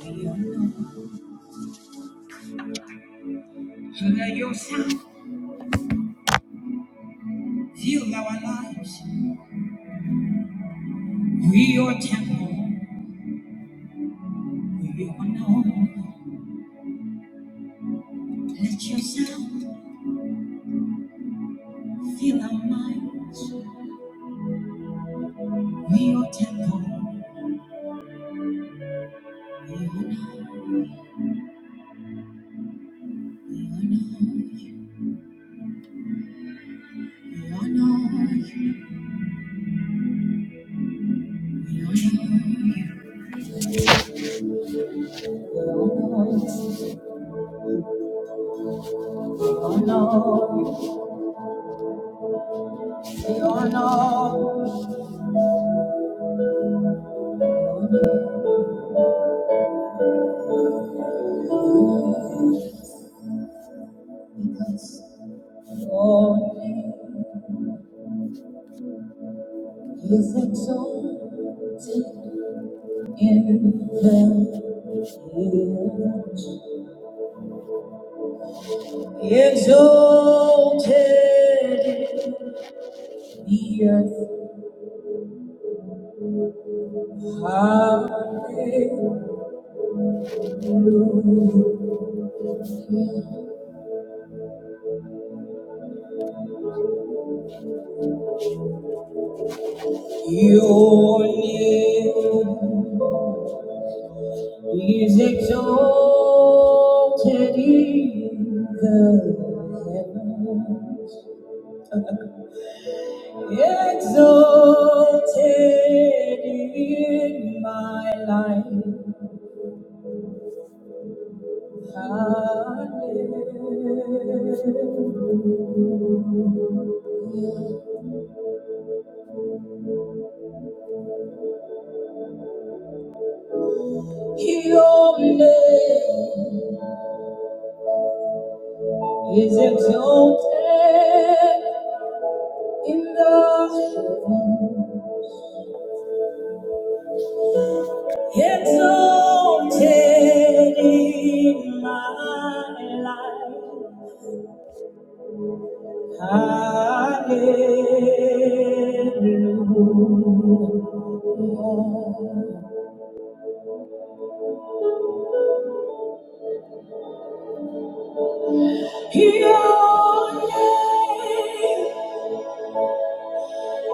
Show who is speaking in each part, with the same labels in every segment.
Speaker 1: Hear yourself, fill our lives. We your temple, we your home. Let yourself fill our minds. We your temple, we honor, we honor you, we honor you, we honor you. We honor you, we honor you, we honor you. Because your name is exalted. In the hills, exalted in the earth, hallelujah. Your name is exalted in the heavens, exalted in my life. Your name is exalted in the heaven, exalted in my life. Hallelujah. Your name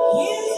Speaker 1: Hallelujah.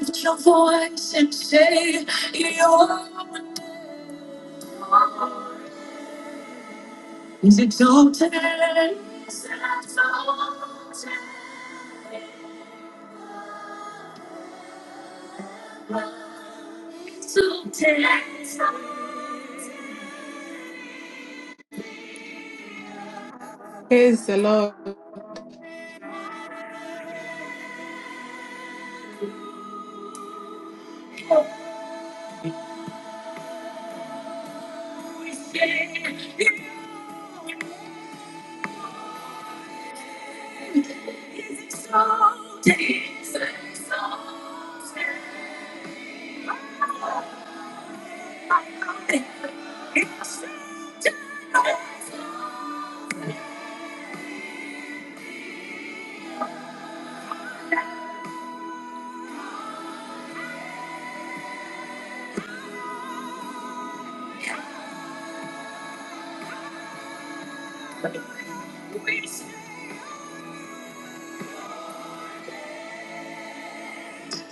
Speaker 1: Lift your voice and say your is exalted, exalted, exalted,
Speaker 2: Praise the Lord.
Speaker 1: is exalted. We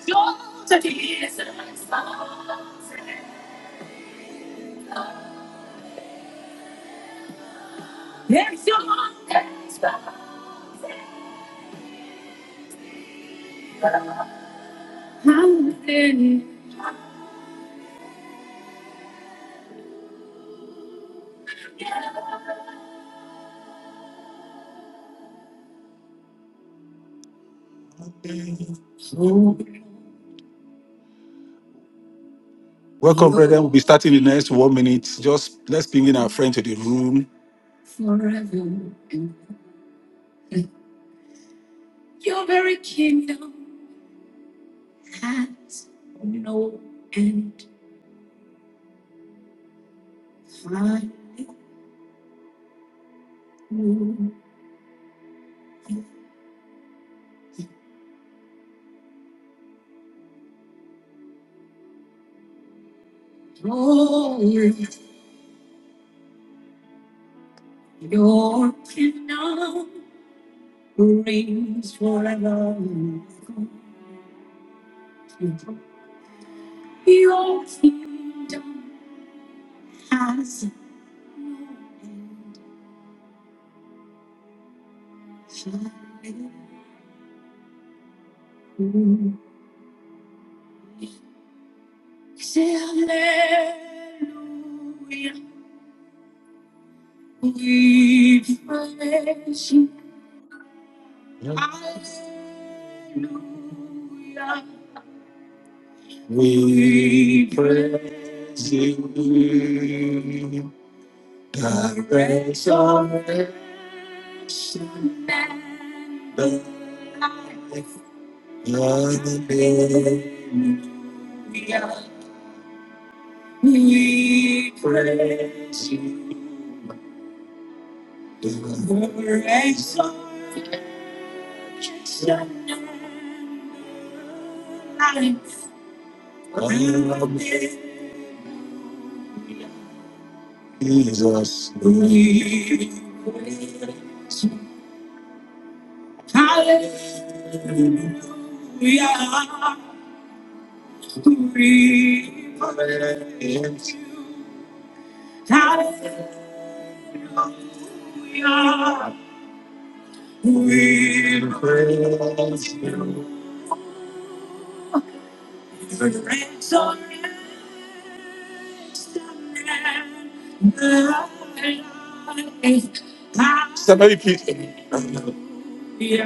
Speaker 1: exalted, is exalted. Welcome, brethren. We'll be starting in the next one minute. Just let's bring in our friend to the room. We praise you, the grace of man, the light of the day. We praise you, the grace of man, the light of Jesus, we praise Hallelujah. Hallelujah. We praise our Somebody please,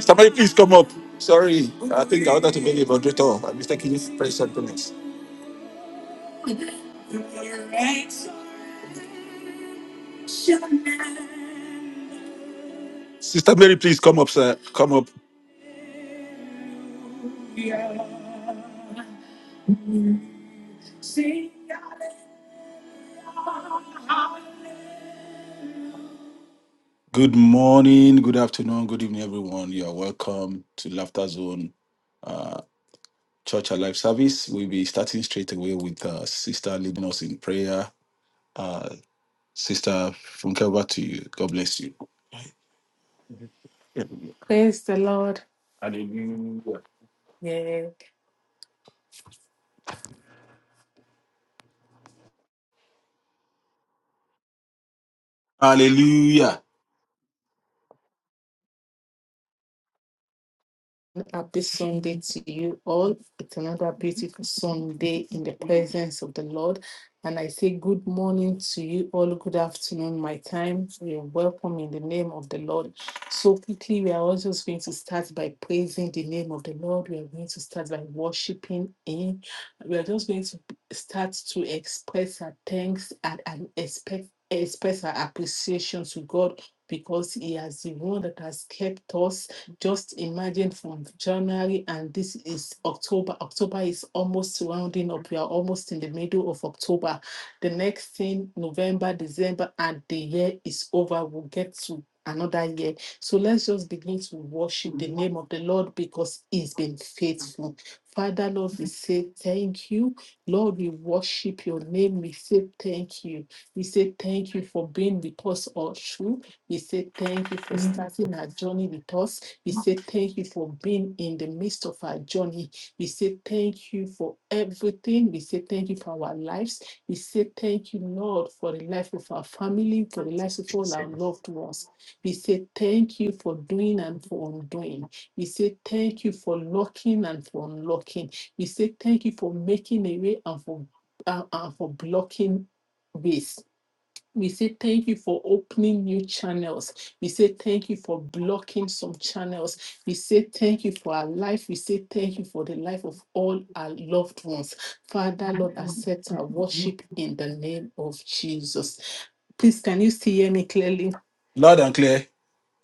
Speaker 1: somebody please come up. Sorry, I think I wanted to be the moderator. I'm mistakenly pressed something else. Sister Mary, please come up, sir. Come up. Good morning, good afternoon, good evening, everyone. You are welcome to Laughter Zone uh, Church Alive Service. We'll be starting straight away with uh, Sister leading us in prayer. Uh, Sister Funke, over to you. God bless you.
Speaker 2: Praise the Lord.
Speaker 1: Hallelujah.
Speaker 2: Yeah.
Speaker 1: Hallelujah.
Speaker 2: Happy Sunday to you all. It's another beautiful Sunday in the presence of the Lord. And I say good morning to you all. Good afternoon, my time. You're welcome in the name of the Lord. So quickly, we are also going to start by praising the name of the Lord. We are going to start by worshiping Him. We are just going to start to express our thanks and, and expect, express our appreciation to God because He has the one that has kept us just imagine from January and this is October. October is almost rounding up. We are almost in the middle of October. The next thing, November, December, and the year is over. We'll get to another year. So let's just begin to worship the name of the Lord because He's been faithful. Father, Lord, we say thank you. Lord, we worship your name. We say thank you. We say thank you for being with us all through. We say thank you for starting our journey with us. We say thank you for being in the midst of our journey. We say thank you for everything. We say thank you for our lives. We say thank you, Lord, for the life of our family, for the lives of all our loved ones. We say thank you for doing and for undoing. We say thank you for locking and for unlocking. We say thank you for making a way and for, uh, and for blocking ways. We say thank you for opening new channels. We say thank you for blocking some channels. We say thank you for our life. We say thank you for the life of all our loved ones. Father, Lord, accept our worship in the name of Jesus. Please, can you still hear me clearly?
Speaker 1: Loud and clear.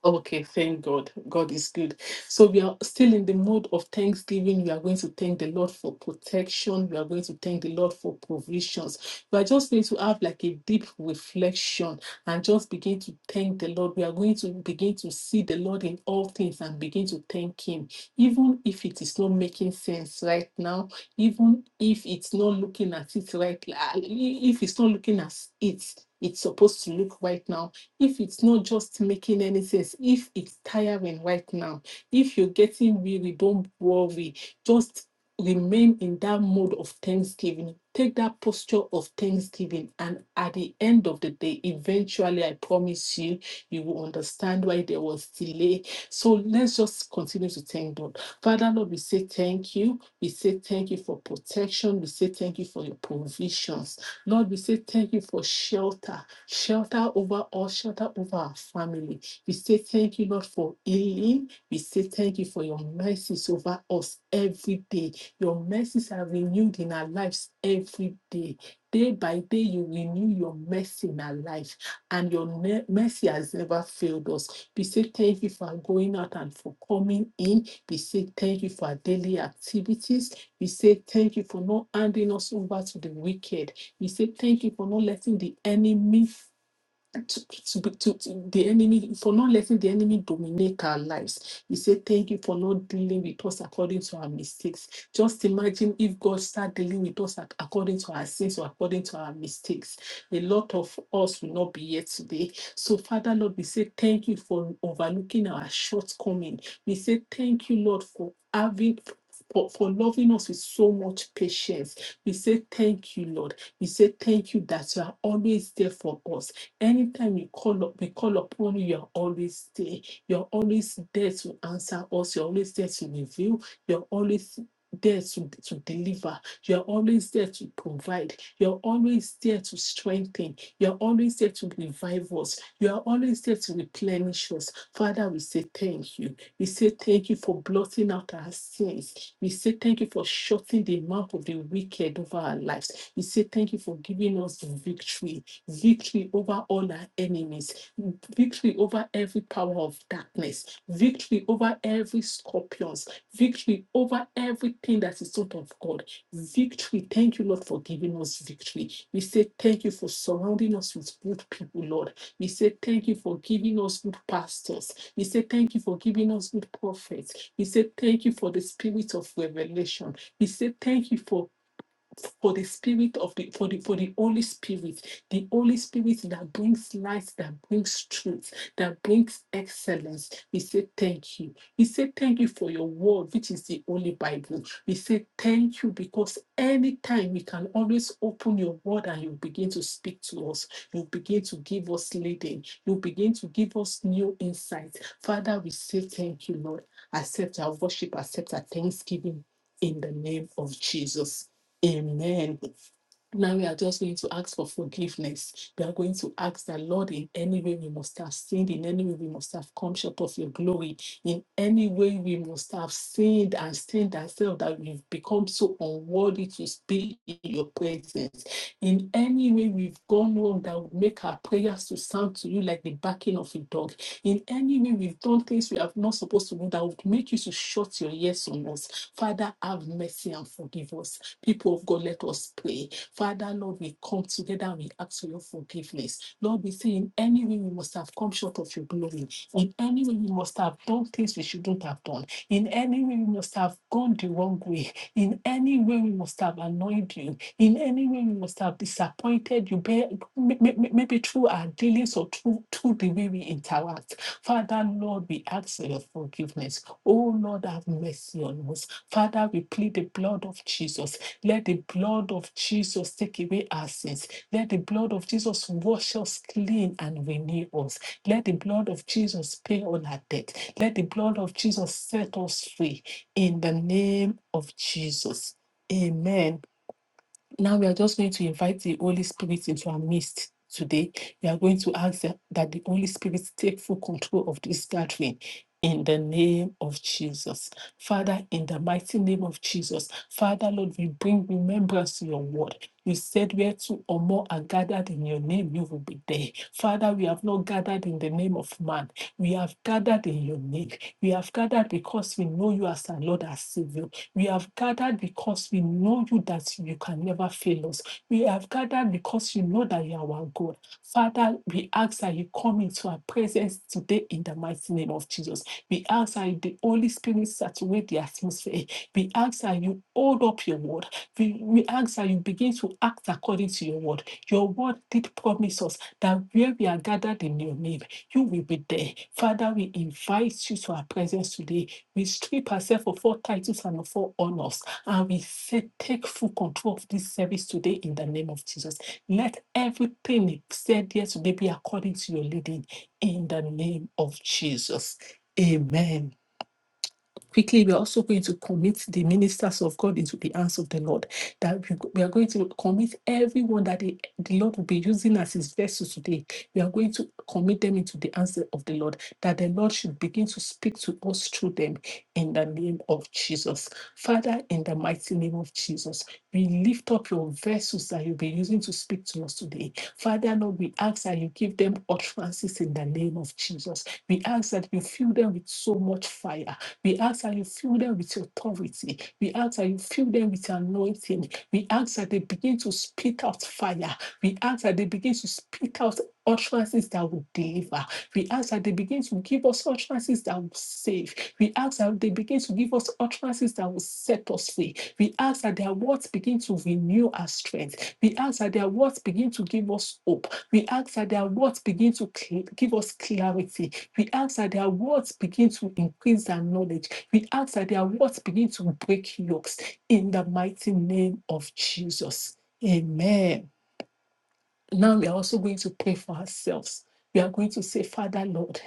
Speaker 2: Okay, thank God. God is good. So we are still in the mode of thanksgiving. We are going to thank the Lord for protection. We are going to thank the Lord for provisions. We are just going to have like a deep reflection and just begin to thank the Lord. We are going to begin to see the Lord in all things and begin to thank Him, even if it is not making sense right now, even if it's not looking at it right, like, if it's not looking as it it's supposed to look right now if it's not just making any sense, if it's tiring right now, if you're getting weary, don't worry. Just remain in that mode of thanksgiving. Take that posture of thanksgiving. And at the end of the day, eventually, I promise you, you will understand why there was delay. So let's just continue to thank God. Father, Lord, we say thank you. We say thank you for protection. We say thank you for your provisions. Lord, we say thank you for shelter. Shelter over us, shelter over our family. We say thank you, Lord, for healing. We say thank you for your mercies over us every day. Your mercies are renewed in our lives every day. Day by day, you renew your mercy in our life, and your ne- mercy has never failed us. We say thank you for going out and for coming in. We say thank you for our daily activities. We say thank you for not handing us over to the wicked. You say, Thank you for not letting the enemy to, to, to, the enemy for not letting the enemy dominate our lives. We say thank you for not dealing with us according to our mistakes. Just imagine if God start dealing with us according to our sins or according to our mistakes. A lot of us will not be here today. So, Father Lord, we say thank you for overlooking our shortcoming. We say thank you, Lord, for having for, for loving us with so much patience. We say thank you, Lord. We say thank you that you are always there for us Anytime we call up, we call upon you, you're always there. You're always there to answer us. You're always there to reveal. You're always there to, to deliver. You're always there to provide. You're always there to strengthen. You're always there to revive us. You are always there to replenish us. Father, we say thank you. We say thank you for blotting out our sins. We say thank you for shutting the mouth of the wicked over our lives. We say thank you for giving us victory victory over all our enemies, victory over every power of darkness, victory over every scorpions, victory over everything that is not of God. Victory. Thank you, Lord, for giving us victory. We say thank you for surrounding us with good people, Lord. We say thank you for giving us good pastors. We say thank you for giving us good prophets. We say thank you for the spirit of revelation. We say thank you for for the spirit of the for the for the Holy Spirit, the Holy Spirit that brings light, that brings truth, that brings excellence. We say thank you. We say thank you for your word, which is the Holy Bible. We say thank you because anytime we can always open your word and you begin to speak to us, you begin to give us leading, you begin to give us new insights. Father, we say thank you, Lord. Accept our worship, accept our thanksgiving in the name of Jesus. Amen. Now we are just going to ask for forgiveness. We are going to ask that, Lord, in any way we must have sinned, in any way we must have come short of your glory, in any way we must have sinned and stained ourselves that we've become so unworthy to speak in your presence. In any way we've gone wrong that would make our prayers to sound to you like the barking of a dog. In any way we've done things we are not supposed to do that would make you to shut your ears on us. Father, have mercy and forgive us People of God, let us pray. Father, Lord, we come together and we ask for your forgiveness. Lord, we say in any way we must have come short of your glory. In any way we must have done things we shouldn't have done. In any way we must have gone the wrong way. In any way we must have annoyed you. In any way we must have disappointed you, maybe through our dealings or through, through the way we interact. Father, Lord, we ask for your forgiveness. Oh, Lord, have mercy on us. Father, we plead the blood of Jesus let the blood of Jesus take away our sins. Let the blood of Jesus wash us clean and renew us. Let the blood of Jesus pay all our debt. Let the blood of Jesus set us free in the name of Jesus. Amen. Now we are just going to invite the Holy Spirit into our midst today. We are going to ask that that the Holy Spirit take full control of this gathering. In the name of Jesus. Father, in the mighty name of Jesus. Father, Lord, we bring remembrance to your word. You said where two or more are gathered in your name, you will be there. Father, we have not gathered in the name of man. We have gathered in your name. We have gathered because we know you as our Lord, as Savior. We have gathered because we know you that you can never fail us. We have gathered because you know that you are our God. Father, we ask that you come into our presence today in the mighty name of Jesus. We ask that the Holy Spirit saturate the atmosphere. We ask that you hold up your word. We, we ask that you begin to act according to your word. Your word did promise us that where we are gathered in your name, you will be there. Father, we invite you to our presence today we strip ourselves of all titles and of all honors. And we say, take full control of this service today in the name of Jesus. Let everything said here today be according to your leading in the name of Jesus. Amen. Quickly, we are also going to commit the ministers of God into the hands of the Lord. That we, are going to commit everyone that the, the Lord will be using as his vessel today. We are going to commit them into the hands of the Lord. That the Lord should begin to speak to us through them in the name of Jesus. Father, in the mighty name of Jesus, we lift up your vessels that you'll be using to speak to us today. Father, Lord, we ask that you give them utterances in the name of Jesus. We ask that you fill them with so much fire we ask that you fill them with authority. We ask that you fill them with anointing. We ask that they begin to spit out fire. We ask that they begin to spit out utterances that will deliver. We ask that they begin to give us utterances that will save. We ask that they begin to give us utterances that will set us free. We ask that their words begin to renew our strength. We ask that their words begin to give us hope. We ask that their words begin to cl- give us clarity. We ask that their words begin to increase their knowledge. We ask that their words begin to break yokes in the mighty name of Jesus. Amen. Now we are also going to pray for ourselves. We are going to say, Father Lord,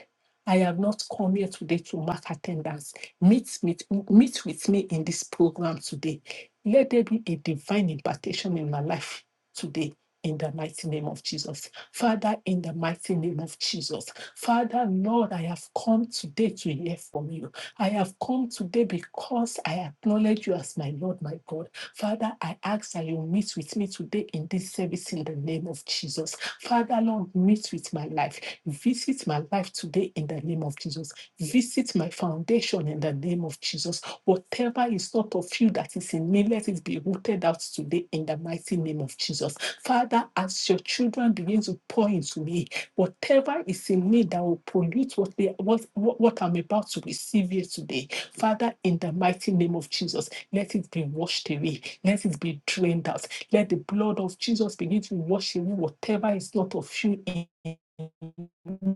Speaker 2: I have not come here today to mark attendance. Meet, meet, meet with me in this program today. Let there be a divine impartation in my life today. In the mighty name of Jesus. Father, in the mighty name of Jesus. Father, Lord, I have come today to hear from you. I have come today because I acknowledge you as my Lord, my God. Father, I ask that you meet with me today in this service in the name of Jesus. Father, Lord, meet with my life. Visit my life today in the name of Jesus. Visit my foundation in the name of Jesus. Whatever is not of you that is in me, let it be rooted out today in the mighty name of Jesus. Father, as your children begin to pour into me, whatever is in me that will pollute what, they, what, what, what I'm about to receive here today, Father, in the mighty name of Jesus, let it be washed away. Let it be drained out. Let the blood of Jesus begin to wash away whatever is not of you in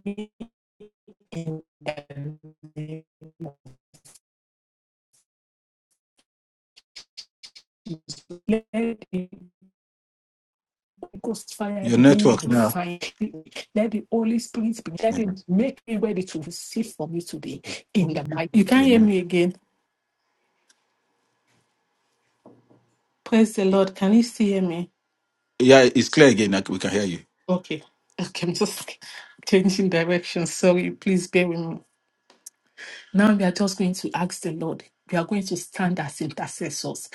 Speaker 2: me in the name of Jesus. Let the Ghost fire
Speaker 1: Your
Speaker 2: begin to
Speaker 1: network now.
Speaker 2: refine you. Let the Holy Spirit begin. Let it make me ready to receive from you today. In the night. You can't hear
Speaker 1: Amen.
Speaker 2: me again. Praise the Lord. Can you still hear me?
Speaker 1: Yeah, it's clear again. I c- We can hear
Speaker 2: Okay. Okay, I'm just changing direction. Sorry, please bear with me. Now we are just going to ask the Lord. We are going to stand as intercessors.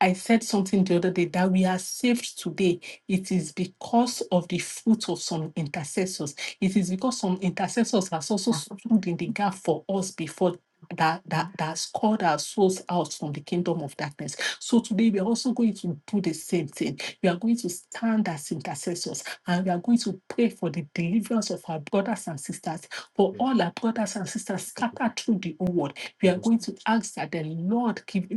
Speaker 2: I said something the other day that we are saved today. It is because of the fruit of some intercessors. It is because some intercessors has also stood in the gap for us before that that that's called our souls out from the kingdom of darkness. So today we are also going to do the same thing. We are going to stand as intercessors and we are going to pray for the deliverance of our brothers and sisters, for all our brothers and sisters scattered through the whole world. We are going to ask that the Lord give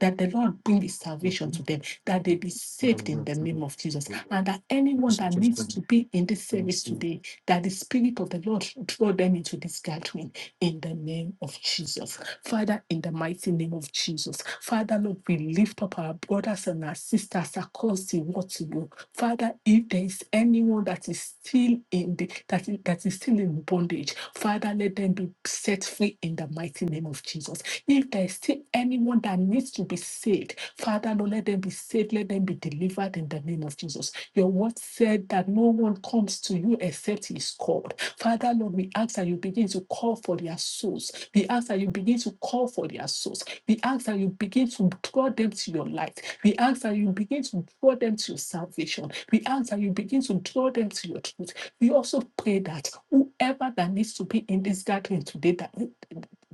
Speaker 2: that the Lord bring His salvation to them, that they be saved in the name of Jesus, and that anyone that needs
Speaker 1: you.
Speaker 2: to be in this service
Speaker 1: Amen.
Speaker 2: today, that the Spirit of the Lord draw them into this gathering in the name of Jesus. Father, in the mighty name of Jesus. Father, Lord, we lift up our brothers and our sisters across the world to you. Father, if there is anyone that is still in the that is, that is still in bondage, Father, let them be set free in the mighty name of Jesus. If there's still anyone that needs to be saved, Father, Lord, let them be saved, let them be delivered in the name of Jesus. Your word said that no one comes to you except he is called. Father, Lord, we ask that you begin to call for their souls. We ask that you begin to call for their souls. We ask that you begin to draw them to your light. We ask that you begin to draw them to your salvation. We ask that you begin to draw them to your truth. We also pray that whoever that needs to be in this gathering today, that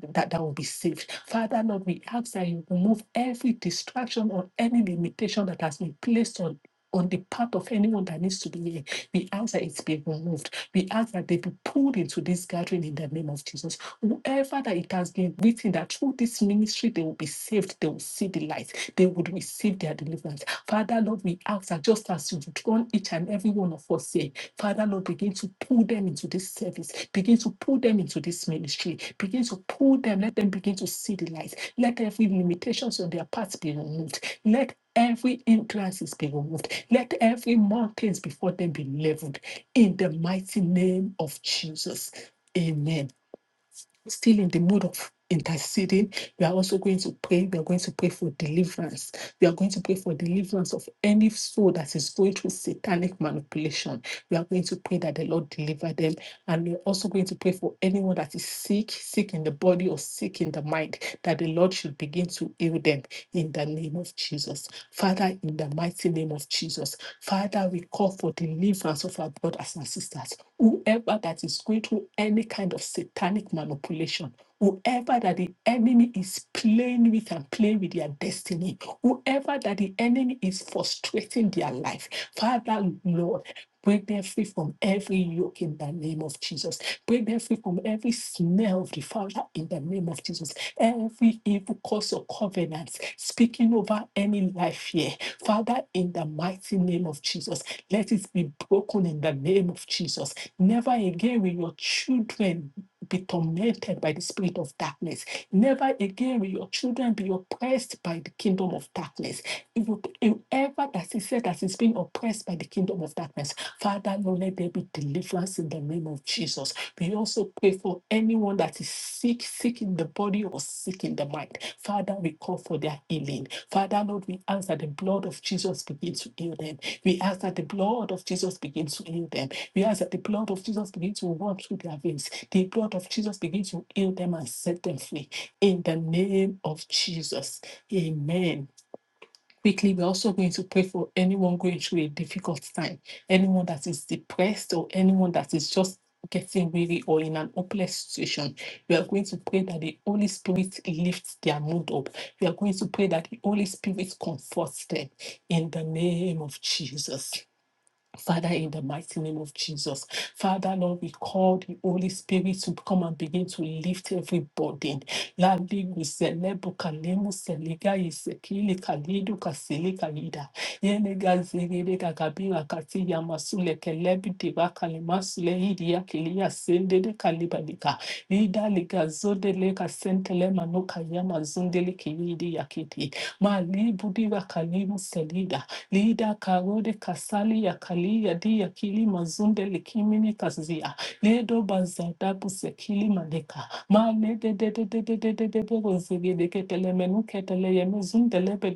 Speaker 2: that that will be saved. Father, Lord, we ask that you remove every distraction or any limitation that has been placed on on the path of anyone that needs to be here. We ask that it be removed. We ask that they be pulled into this gathering in the name of Jesus. Whoever that it has been written that through this ministry they will be saved, they will see the light, they would receive their deliverance. Father, Lord, we ask that just as you've drawn each and every one of us here, Father Lord, begin to pull them into this service. Begin to pull them into this ministry. Begin to pull them. Let them begin to see the light. Let every limitations on their path be removed. Let every hindrances be removed. Let every mountains before them be leveled. In the mighty name of Jesus. Amen. Still in the mood of interceding, we are also going to pray. We are going to pray for deliverance. We are going to pray for deliverance of any soul that is going through satanic manipulation we are going to pray that the Lord deliver them. And we're also going to pray for anyone that is sick, sick in the body or sick in the mind, that the Lord should begin to heal them in the name of Jesus. Father, in the mighty name of Jesus, Father, we call for deliverance of our brothers and sisters. Whoever that is going through any kind of satanic manipulation, whoever that the enemy is playing with and playing with their destiny, whoever that the enemy is frustrating their life, Father, Lord, Break them free from every yoke in the name of Jesus. Break them free from every snare of the Father in the name of Jesus. Every evil curse or covenant speaking over any life here. Father, in the mighty name of Jesus, let it be broken in the name of Jesus. Never again will your children be tormented by the spirit of darkness. Never again will your children be oppressed by the kingdom of darkness. If you- if ever that is said that is being oppressed by the kingdom of darkness, Father, Lord, let there be deliverance in the name of Jesus. We also pray for anyone that is sick, sick in the body or sick in the mind. Father, we call for their healing. Father, Lord, we ask that the blood of Jesus begin to heal them. We ask that the blood of Jesus begin to heal them. We ask that the blood of Jesus begin to walk through their veins. The blood of Jesus begin to heal them and set them free. In the name of Jesus. Amen. Quickly, we're also going to pray for anyone going through a difficult time, anyone that is depressed, or anyone that is just getting weary or in an hopeless situation. We are going to pray that the Holy Spirit lifts their mood up. We are going to pray that the Holy Spirit comforts them in the name of Jesus. Father, in the mighty name of Jesus, Father, Lord, we call the Holy Spirit to come and begin to lift every burden. Lali guselebo kalemu seliga isekile kalidu kasile kalida. Yenega zegede kakabira kati yamasule kelebi diva kalimasule hidia kilia sendede kalibadika. Ida liga zodele kasentele manuka yama zundele kilidi yakiti. Malibu diva kalimu selida. Lida karode kasali yakali yadi yakili mazunde likimini kazia. Ledo bazadabu sekili maleka. Ma le de de de de de de de de bogo de ketele menu ketele yeme zunde lebe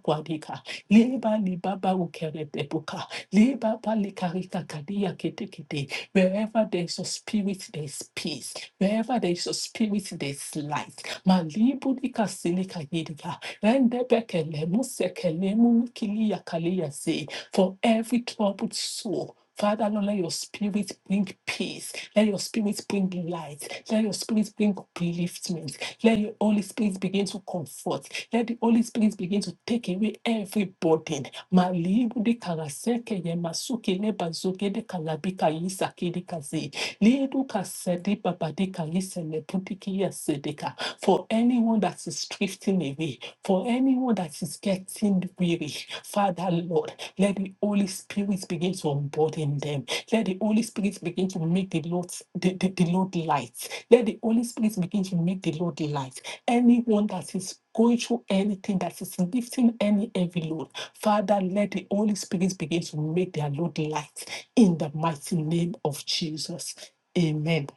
Speaker 2: kwadika. Liba libaba ukere bebuka. Liba palikarika kadia kete kete. Wherever there is a spirit, there is peace. Wherever there is a spirit, there is light. Malibu dika silika yidika. Rendebekele musekele munikili yakale yase. For every troubled soul, Father, Lord, let your spirit bring peace. Let your spirit bring light. Let your spirit bring upliftment. Let your Holy Spirit begin to comfort. Let the Holy Spirit begin to take away every burden. Malibu de karaseke ye masuke le bazuke de kalabika yisake de kaze. Liedu kasede babade kalise le putiki ya sedeka for anyone that is drifting away, for anyone that is getting weary. Father, Lord, let the Holy Spirit begin to unburden them. Let the Holy Spirit begin to make the Lord the, the, the Lord light. Let the Holy Spirit begin to make the Lord light. Anyone that is going through anything that is lifting any heavy load, Father, let the Holy Spirit begin to make their load light in the mighty name of Jesus. Amen.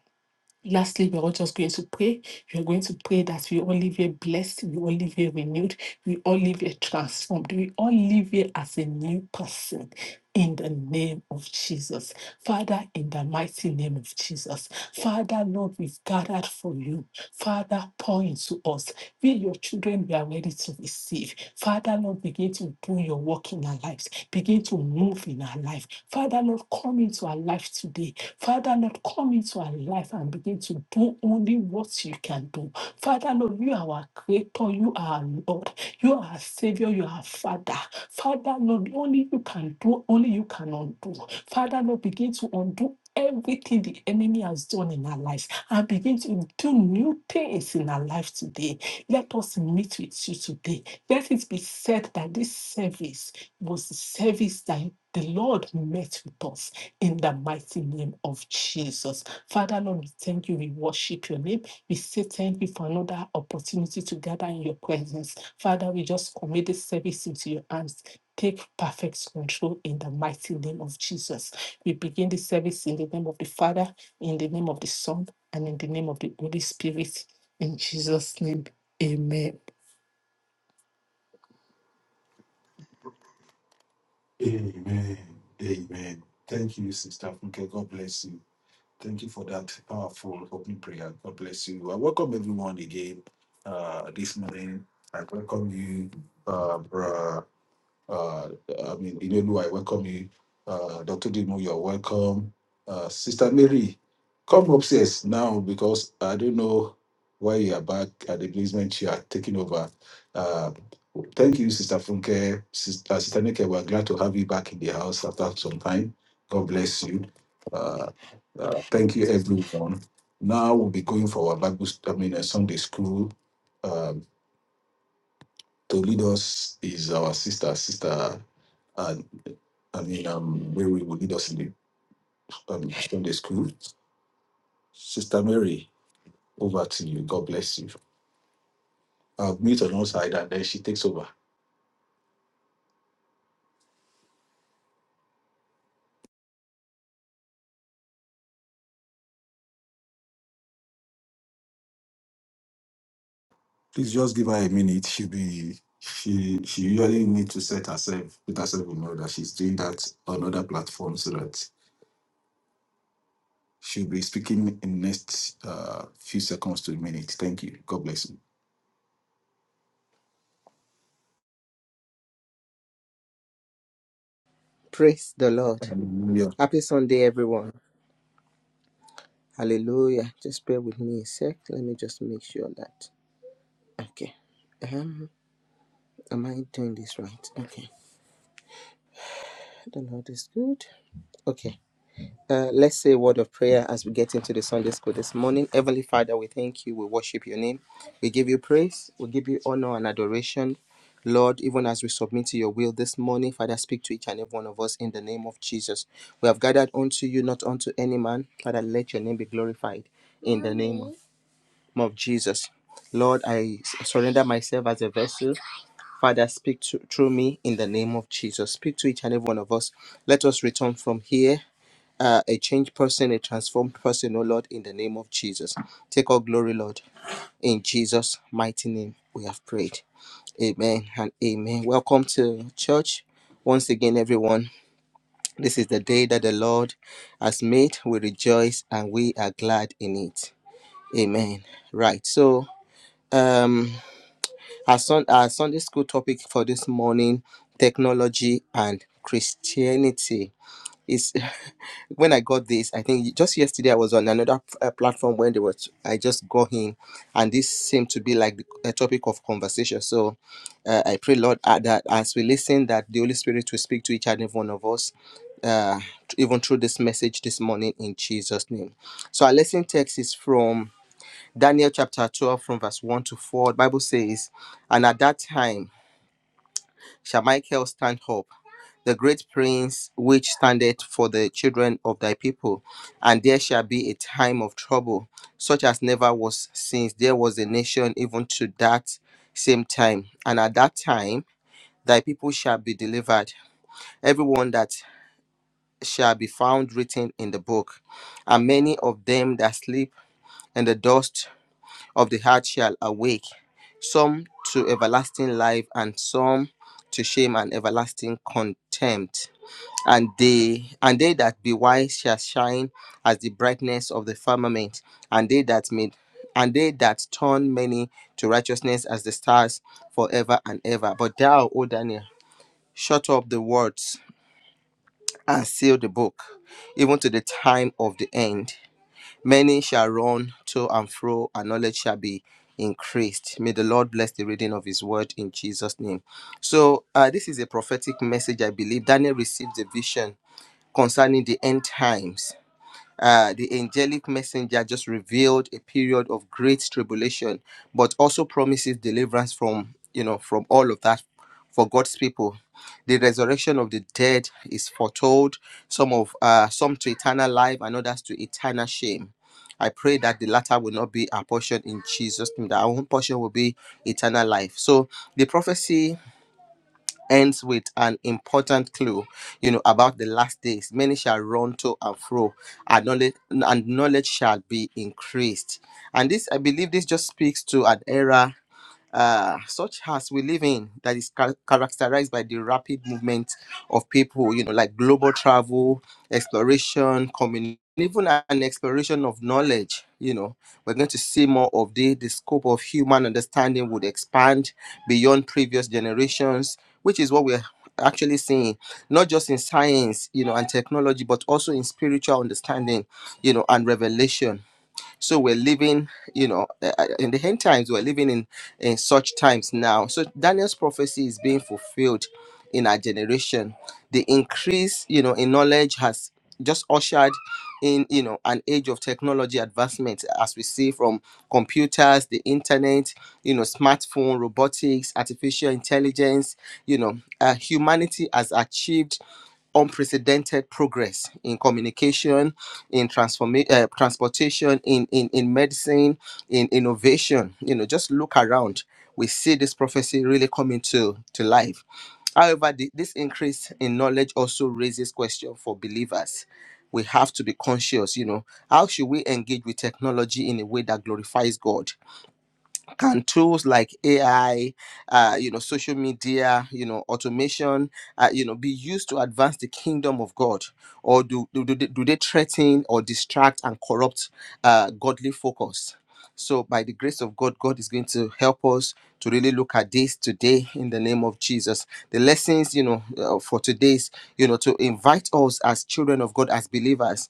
Speaker 2: Lastly, we're all just going to pray. We're going to pray that we all live here blessed, we all live here renewed, we all live here transformed, we all live here as a new person in the name of Jesus. Father, in the mighty name of Jesus. Father, Lord, we've gathered for you. Father, pour into us. Feel your children we are ready to receive. Father Lord, begin to do your work in our lives. Begin to move in our life. Father Lord, come into our life today. Father Lord, come into our life and begin to do only what you can do. Father Lord, you are our creator, you are our Lord, you are our Savior, you are our Father. Father Lord, only you can do, only you can undo. Father Lord, begin to undo everything the enemy has done in our lives and begin to do new things in our life today. Let us meet with you today. Let it be said that this service was the service that the Lord met with us in the mighty name of Jesus. Father, Lord, we thank you. We worship your name. We say thank you for another opportunity to gather in your presence. Father, we just commit this service into your hands. Take perfect control in the mighty name of Jesus. We begin the service in the name of the Father, in the name of the Son, and in the name of the Holy Spirit. In Jesus' name. Amen.
Speaker 1: Amen. Thank you, Sister Funke. God bless you. Thank you for that powerful opening prayer. God bless you. I welcome everyone again uh, this morning. I welcome you, uh, Uh, I mean, Inelu, I welcome you. Uh, Dr. Dimu, you're welcome. Uh, Sister Mary, come upstairs now because I don't know why you are back at the basement. You are taking over. Uh, thank you, Sister Funke. Sister, uh, Sister Nike, we're glad to have you back in the house after some time. God bless you. Uh, uh, thank you, everyone. Now we'll be going for our Bible, st- I mean, uh, Sunday school. Um, to lead us is our sister, Sister uh, I mean, um, Mary will lead us in the um, Sunday school. Sister Mary, over to you. God bless you. I'll meet on one side and then she takes over. Please just give her a minute. She'll be she she usually need to set herself put herself in order. She's doing that on other platforms so that she'll be speaking in next uh, few seconds to a minute. Thank you. God bless you.
Speaker 3: Praise the Lord.
Speaker 1: Hallelujah.
Speaker 3: Happy Sunday, everyone. Hallelujah. Just bear with me a sec. Let me just make sure that. Okay. Um, am I doing this right? Okay. The Lord is good. Okay. Uh, let's say a word of prayer as we get into the Sunday school this morning. Heavenly Father, we thank you. We worship your name. We give you praise. We give you honor and adoration. Lord, even as we submit to your will this morning, Father, speak to each and every one of us in the name of Jesus. We have gathered unto you, not unto any man. Father, let your name be glorified in the name of, of Jesus. Lord, I surrender myself as a vessel. Father, speak to, through me in the name of Jesus. Speak to each and every one of us. Let us return from here uh, a changed person, a transformed person, oh Lord, in the name of Jesus. Take all glory, Lord. In Jesus' mighty name, we have prayed. Amen and amen. Welcome to church. Once again, everyone, this is the day that the Lord has made. We rejoice and we are glad in it. Amen. Right. So, um, our, sun, our Sunday school topic for this morning technology and Christianity. Is when I got this, I think just yesterday I was on another uh, platform when they were. I just got in, and this seemed to be like the, a topic of conversation. So, uh, I pray Lord uh, that as we listen, that the Holy Spirit will speak to each and every one of us, uh, even through this message this morning in Jesus' name. So our lesson text is from Daniel chapter twelve, from verse one to four. The Bible says, "And at that time." shall Michael stand up, the great prince which standeth for the children of thy people. And there shall be a time of trouble, such as never was since there was a nation even to that same time. And at that time, thy people shall be delivered, everyone that shall be found written in the book. And many of them that sleep in the dust of the heart shall awake, some to everlasting life, and some to shame and everlasting contempt. And they and they that be wise shall shine as the brightness of the firmament, and they that made and they that turn many to righteousness as the stars forever and ever. But thou, O Daniel, shut up the words and seal the book, even to the time of the end. Many shall run to and fro, and knowledge shall be increased. May the Lord bless the reading of His word in Jesus' name. So, uh, this is a prophetic message, I believe. Daniel received a vision concerning the end times uh, the angelic messenger just revealed a period of great tribulation, but also promises deliverance from you know from all of that for God's people. The resurrection of the dead is foretold, some of uh, some to eternal life and others to eternal shame. I pray that the latter will not be our portion in Jesus' name, that our own portion will be eternal life. So the prophecy ends with an important clue, you know, about the last days. Many shall run to and fro, and knowledge, and knowledge shall be increased. And this, I believe, this just speaks to an era uh, such as we live in that is char- characterized by the rapid movement of people, you know, like global travel, exploration, community, even an exploration of knowledge. You know, we're going to see more of the, the scope of human understanding would expand beyond previous generations, which is what we're actually seeing, not just in science, you know, and technology, but also in spiritual understanding, you know, and revelation so we're living you know uh, uh, in the end times we're living in in such times now so daniel's prophecy is being fulfilled in our generation the increase you know in knowledge has just ushered in you know an age of technology advancement as we see from computers the internet you know smartphone robotics artificial intelligence you know uh, humanity has achieved unprecedented progress in communication, in transforma- uh, transportation, in, in in medicine, in innovation. You know, just look around. We see this prophecy really coming to to life. However, the, this increase in knowledge also raises question for believers. We have to be conscious. You know, how should we engage with technology in a way that glorifies God? can tools like AI, uh, you know, social media, you know, automation, uh, you know, be used to advance the kingdom of God, or do do, do, they, do they threaten or distract and corrupt uh, godly focus? So, by the grace of God, God is going to help us to really look at this today in the name of Jesus. The lessons, you know, uh, for today's, you know, to invite us as children of God, as believers,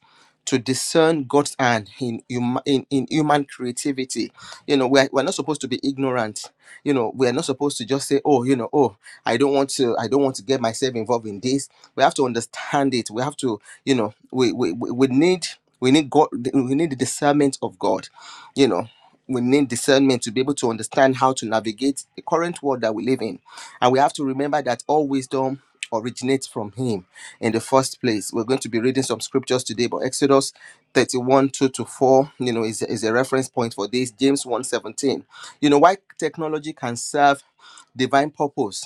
Speaker 3: to discern God's hand in hum- in, in human creativity. You know, we're, we're not supposed to be ignorant. You know, we're not supposed to just say, oh, you know, oh, I don't want to, I don't want to get myself involved in this. We have to understand it. We have to, you know, we we, we we need we need God we need the discernment of God, you know. We need discernment to be able to understand how to navigate the current world that we live in. And we have to remember that all wisdom originates from Him in the first place. We're going to be reading some scriptures today, but Exodus 31 2 to 4, you know, is, is a reference point for this. James one, seventeen, You know, why technology can serve divine purpose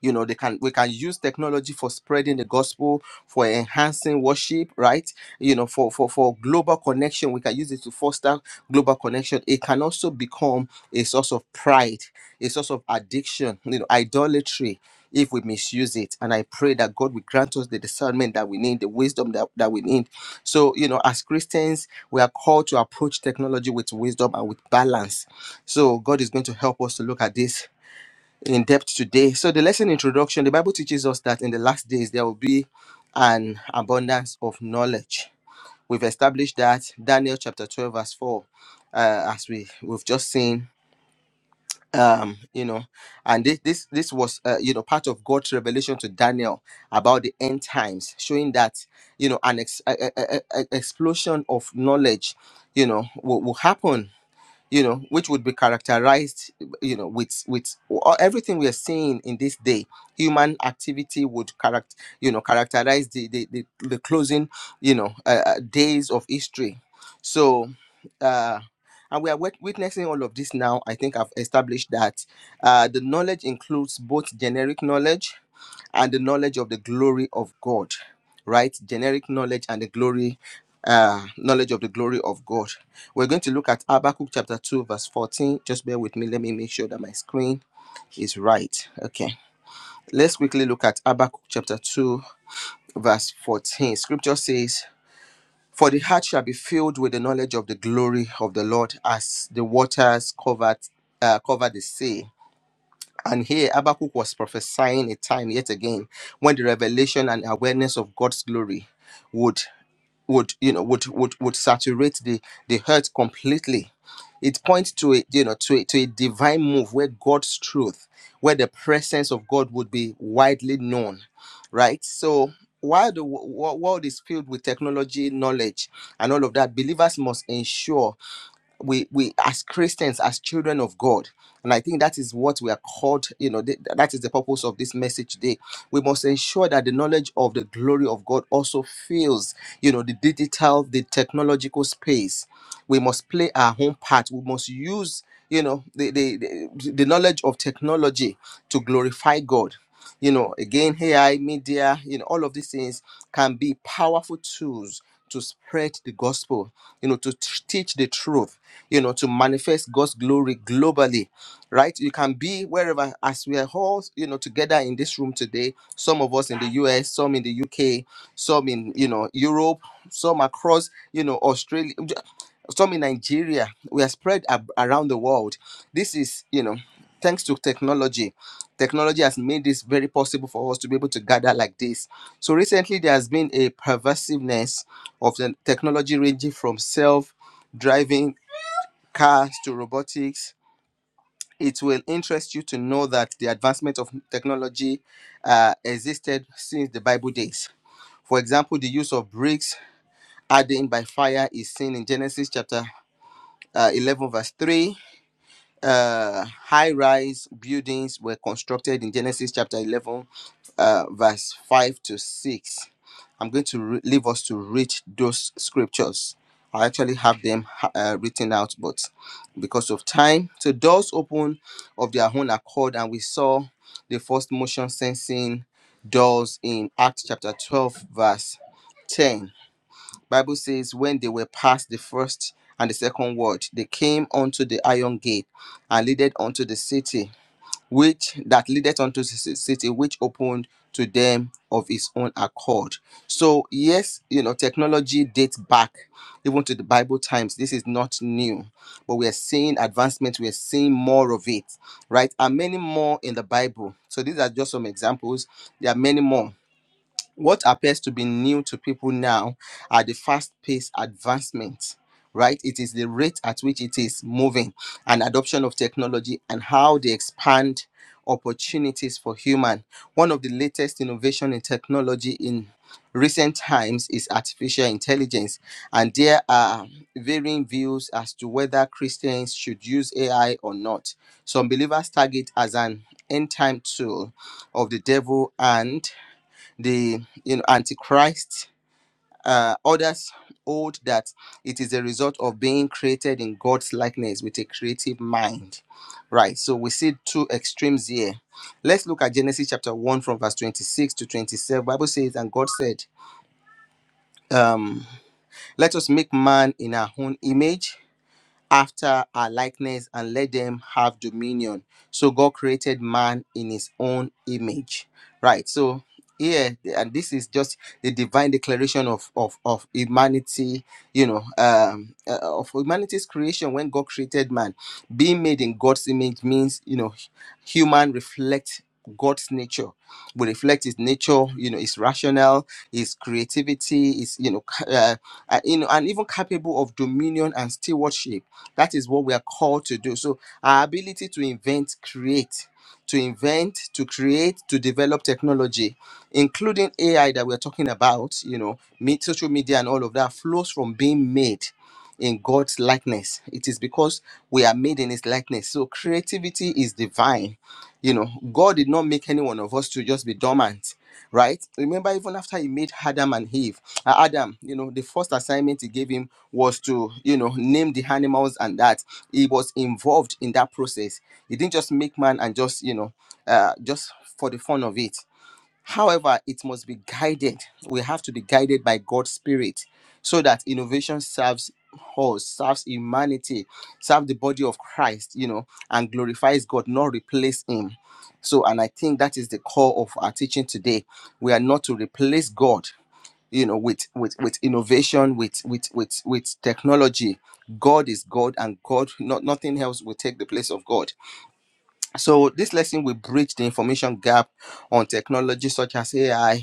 Speaker 3: you know they can we can use technology for spreading the gospel for enhancing worship right you know for for for global connection we can use it to foster global connection it can also become a source of pride a source of addiction you know idolatry if we misuse it and i pray that god will grant us the discernment that we need the wisdom that, that we need so you know as christians we are called to approach technology with wisdom and with balance so god is going to help us to look at this in depth today. So, the lesson introduction the Bible teaches us that in the last days there will be an abundance of knowledge. We've established that Daniel chapter 12, verse 4, uh, as we, we've just seen. Um, you know, and this this, this was uh, you know part of God's revelation to Daniel about the end times, showing that you know an ex- a, a, a- a- explosion of knowledge, you know, will, will happen you know, which would be characterized, you know, with with or everything we are seeing in this day. Human activity would character, you know, characterize the the, the, the closing, you know, uh, uh, days of history. So, uh, and we are wit- witnessing all of this now. I think I've established that uh, the knowledge includes both generic knowledge and the knowledge of the glory of God, right? Generic knowledge and the glory, uh, knowledge of the glory of God. We're going to look at Habakkuk chapter 2, verse 14. Just bear with me. Let me make sure that my screen is right. Okay. Let's quickly look at Habakkuk chapter 2, verse 14. Scripture says, For the heart shall be filled with the knowledge of the glory of the Lord as the waters covered, uh, cover the sea and here Habakkuk was prophesying a time yet again when the revelation and awareness of God's glory would would you know would would, would saturate the the earth completely. It points to a you know to a, to a divine move where God's truth, where the presence of God would be widely known, right? So while the wo- wo- world is filled with technology, knowledge, and all of that, believers must ensure we we as christians as children of god and i think that is what we are called you know th- that is the purpose of this message today we must ensure that the knowledge of the glory of god also fills you know the digital the technological space we must play our own part we must use you know the the, the, the knowledge of technology to glorify god you know again ai media you know all of these things can be powerful tools to spread the gospel you know to t- teach the truth you know, to manifest God's glory globally, right? You can be wherever, as we are all, you know, together in this room today, some of us in the US, some in the UK, some in, you know, Europe, some across, you know, Australia, some in Nigeria. We are spread ab- around the world. This is, you know, thanks to technology. Technology has made this very possible for us to be able to gather like this. So recently, there has been a pervasiveness of the technology ranging from self driving cars to robotics. It will interest you to know that the advancement of technology uh, existed since the Bible days. For example, the use of bricks hardened by fire is seen in Genesis chapter uh, 11, verse 3 uh, high rise buildings were constructed in Genesis chapter 11, uh, verse 5 to 6. I'm going to re- leave us to read those scriptures. I actually have them uh, written out, but because of time. So, doors opened of their own accord, and we saw the first motion sensing doors in Acts chapter 12, verse 10. Bible says, when they were past the first and the second ward, they came unto the iron gate and leaded unto the city, which that leadeth unto the ci- city, which opened to them of its own accord. So, yes, you know, technology dates back even to the Bible times. This is not new, but we are seeing advancement, we are seeing more of it, right? And many more in the Bible. So, these are just some examples. There are many more what appears to be new to people now are the fast paced advancements, right? It is the rate at which it is moving and adoption of technology and how they expand opportunities for human. One of the latest innovation in technology in recent times is artificial intelligence and there are varying views as to whether Christians should use AI or not. Some believers target as an end time tool of the devil and the you know antichrist uh, others hold that it is a result of being created in god's likeness with a creative mind right so we see two extremes here let's look at genesis chapter 1 from verse 26 to 27 bible says and god said um, let us make man in our own image after our likeness and let them have dominion. So God created man in his own image. Right. So here and this is just the divine declaration of of, of humanity, you know, um uh, of humanity's creation when God created man. Being made in God's image means, you know, human reflect God's nature. We reflect his nature, you know, his rational, his creativity, is you know, ca- uh, uh, you know, and even capable of dominion and stewardship that is what we are called to do. So our ability to invent, create, to invent, to create, to develop technology, including AI that we're talking about, you know, meet social media and all of that flows from being made in God's likeness. It is because we are made in his likeness. So creativity is divine. You know, God did not make any one of us to just be dormant right? Remember, even after he made Adam and Eve, uh, Adam, you know, the first assignment he gave him was to, you know, name the animals and that he was involved in that process. He didn't just make man and just, you know, uh, just for the fun of it. However, it must be guided. We have to be guided by God's Spirit so that innovation serves us, serves humanity, serves the body of Christ, you know, and glorifies God, not replace Him. So, and I think that is the core of our teaching today. We are not to replace God, you know, with with with innovation, with with with with technology. God is God, and God, not nothing else will take the place of God. So, this lesson will bridge the information gap on technology such as AI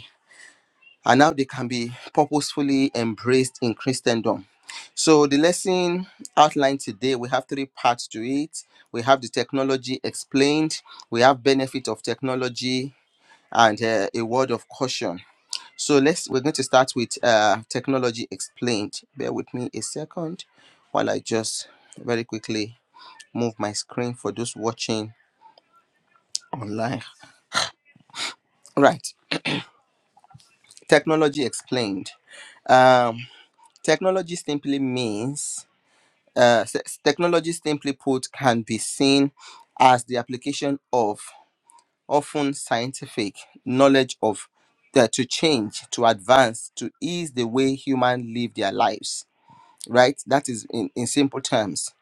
Speaker 3: and how they can be purposefully embraced in Christendom. So, the lesson outlined today, we have three parts to it. We have the technology explained, we have benefit of technology, and uh, a word of caution. So, let's we're going to start with uh, technology explained. Bear with me a second while I just very quickly move my screen for those watching online. Right, technology explained. Um, technology simply means Uh, s- technology, simply put, can be seen as the application of often scientific knowledge of that to change, to advance, to ease the way human live their lives. Right? That is, in, in simple terms,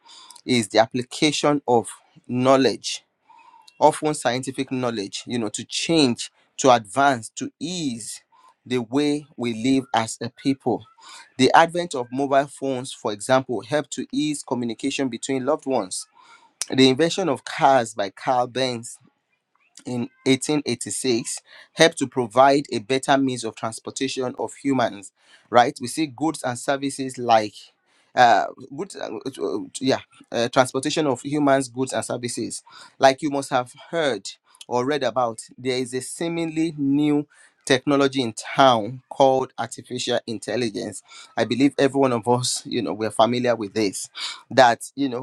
Speaker 3: is the application of knowledge often scientific knowledge, you know, to change, to advance, to ease the way we live as a people. The advent of mobile phones, for example, helped to ease communication between loved ones. The invention of cars by Carl Benz in 1886 helped to provide a better means of transportation of humans right we see goods and services like uh goods uh, uh, yeah uh, transportation of humans goods and services like you must have heard or read about there is a seemingly new technology in town called artificial intelligence i believe every one of us you know we're familiar with this that you know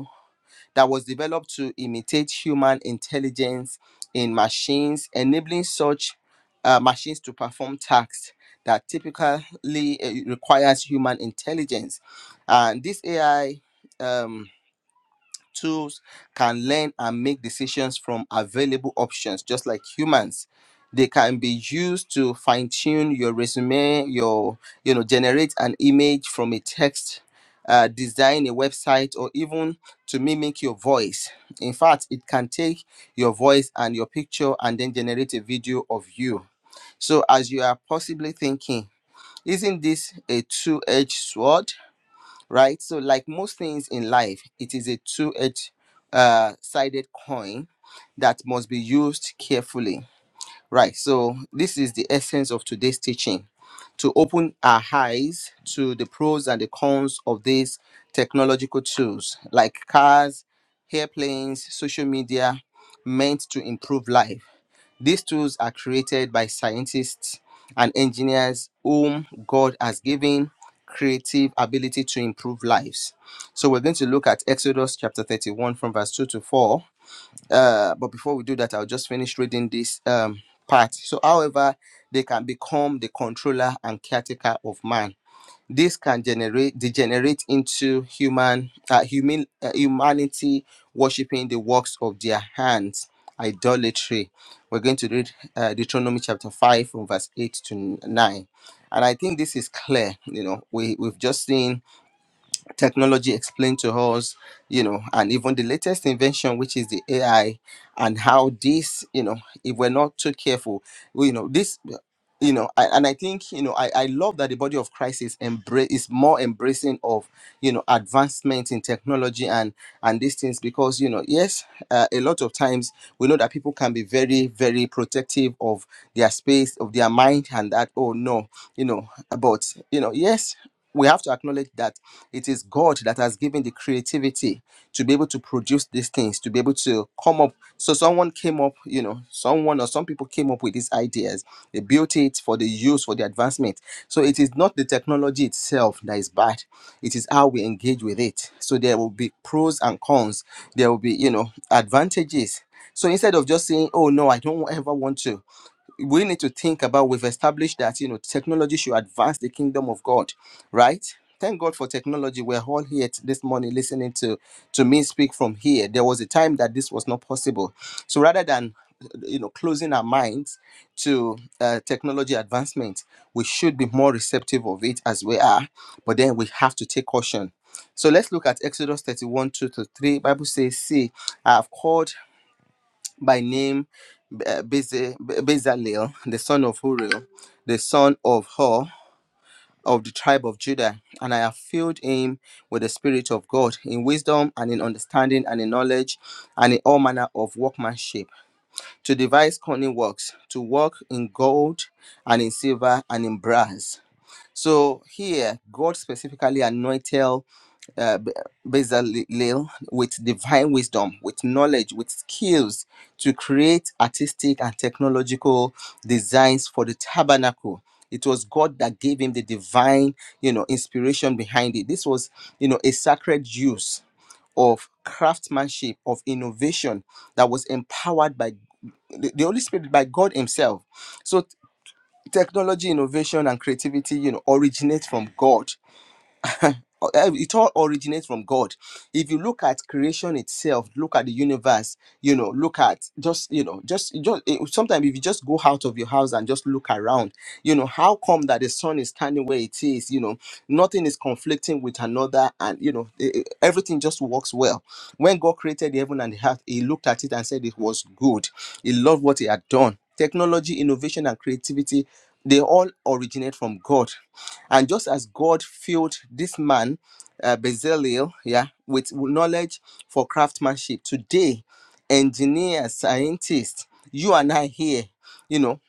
Speaker 3: that was developed to imitate human intelligence in machines, enabling such uh, machines to perform tasks that typically uh, requires human intelligence. And this AI. Um, tools can learn and make decisions from available options, just like humans. They can be used to fine tune your resume, your, you know, generate an image from a text, uh, design a website, or even to mimic your voice. In fact, it can take your voice and your picture and then generate a video of you. So, as you are possibly thinking, isn't this a two edged sword? right? So, like most things in life, it is a two-edged uh, sided coin that must be used carefully, right? So, this is the essence of today's teaching to open our eyes to the pros and the cons of these technological tools like cars, airplanes, social media, meant to improve life these tools are created by scientists and engineers whom God has given creative ability to improve lives. So we're going to look at Exodus chapter 31 from verse 2 to 4. Uh, but before we do that, I'll just finish reading this um, part. So, however, they can become the controller and caretaker of man this can generate degenerate into human uh, human uh, humanity worshiping the works of their hands idolatry we're going to read uh, deuteronomy chapter 5 from verse 8 to 9 and i think this is clear you know we we've just seen technology explained to us you know and even the latest invention which is the ai and how this you know if we're not too careful we- you know this you know I, and i think you know I, I love that the body of christ is embrace is more embracing of you know advancement in technology and and these things because you know yes uh, a lot of times we know that people can be very very protective of their space of their mind and that oh no you know but you know yes we have to acknowledge that it is god that has given the creativity to be able to produce these things to be able to come up so someone came up you know someone or some people came up with these ideas they built it for the use for the advancement so it is not the technology itself that is bad it is how we engage with it so there will be pros and cons there will be you know advantages so instead of just saying oh no i don't ever want to we need to think about we've established that you know technology should advance the kingdom of god right thank god for technology we're all here t- this morning listening to to me speak from here there was a time that this was not possible so rather than you know closing our minds to uh, technology advancement we should be more receptive of it as we are but then we have to take caution so let's look at exodus 31 2 to 3 bible says see i have called by name uh, Beze- Be- Bezalel, the son of Uriel, the son of Hor of the tribe of Judah, and I have filled him with the Spirit of God in wisdom and in understanding and in knowledge and in all manner of workmanship, to devise cunning works, to work in gold and in silver and in brass. So here, God specifically anointed uh, Bezalel with divine wisdom, with knowledge, with skills to create artistic and technological designs for the tabernacle. It was God that gave him the divine, you know, inspiration behind it. This was, you know, a sacred use of craftsmanship, of innovation that was empowered by the the Holy Spirit, by God Himself. So t- technology, innovation, and creativity, you know, originate from God uh, uh, it all originates from god if you look at creation itself look at the universe you know look at just you know just just eh, sometimes if you just go out of your house and just look around you know how come that the sun is standing where it is you know nothing is conflicting with another and you know e- e- everything just works well when god created the heaven and the earth he looked at it and said it was good he loved what he had done technology innovation and creativity they all originate from god and just as God filled this man, uh, Bezalel, yeah, with knowledge for craftsmanship, today, engineers, scientists, you and I here, you know,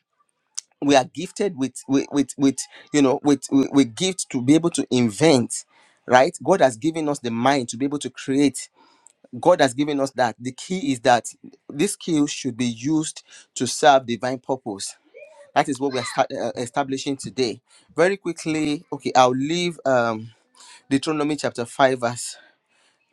Speaker 3: we are gifted with with with, with you know with, with with gift to be able to invent, right? God has given us the mind to be able to create. God has given us that. The key is that this skill should be used to serve divine purpose that is what we are sta- uh, uh, establishing today. Very quickly, okay, I'll leave um, Deuteronomy chapter 5, verse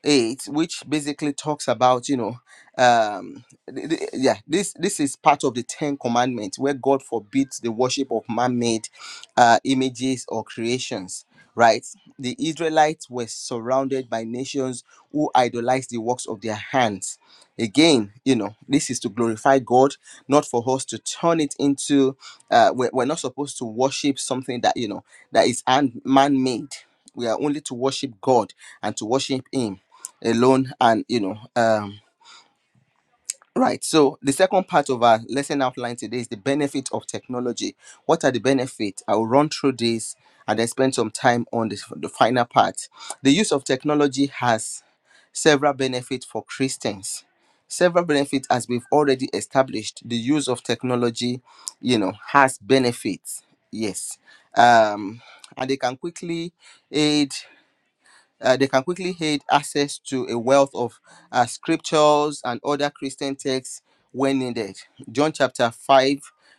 Speaker 3: eight, which basically talks about you know, um, th- th- yeah, this this is part of the Ten Commandments where God forbids the worship of man-made uh, images or creations. Right, the Israelites were surrounded by nations who idolized the works of their hands. Again, you know, this is to glorify God, not for us to turn it into. Uh, we're, we're not supposed to worship something that you know that is hand- man-made. We are only to worship God and to worship Him alone and you know um right so the second part of our lesson outline today is the benefit of technology what are the benefits i will run through this and then spend some time on this, the final part the use of technology has several benefits for christians several benefits as we've already established the use of technology you know has benefits yes um and they can quickly aid uh, they can quickly gain access to a wealth of uh, scriptures and other Christian texts when needed. John chapter 5,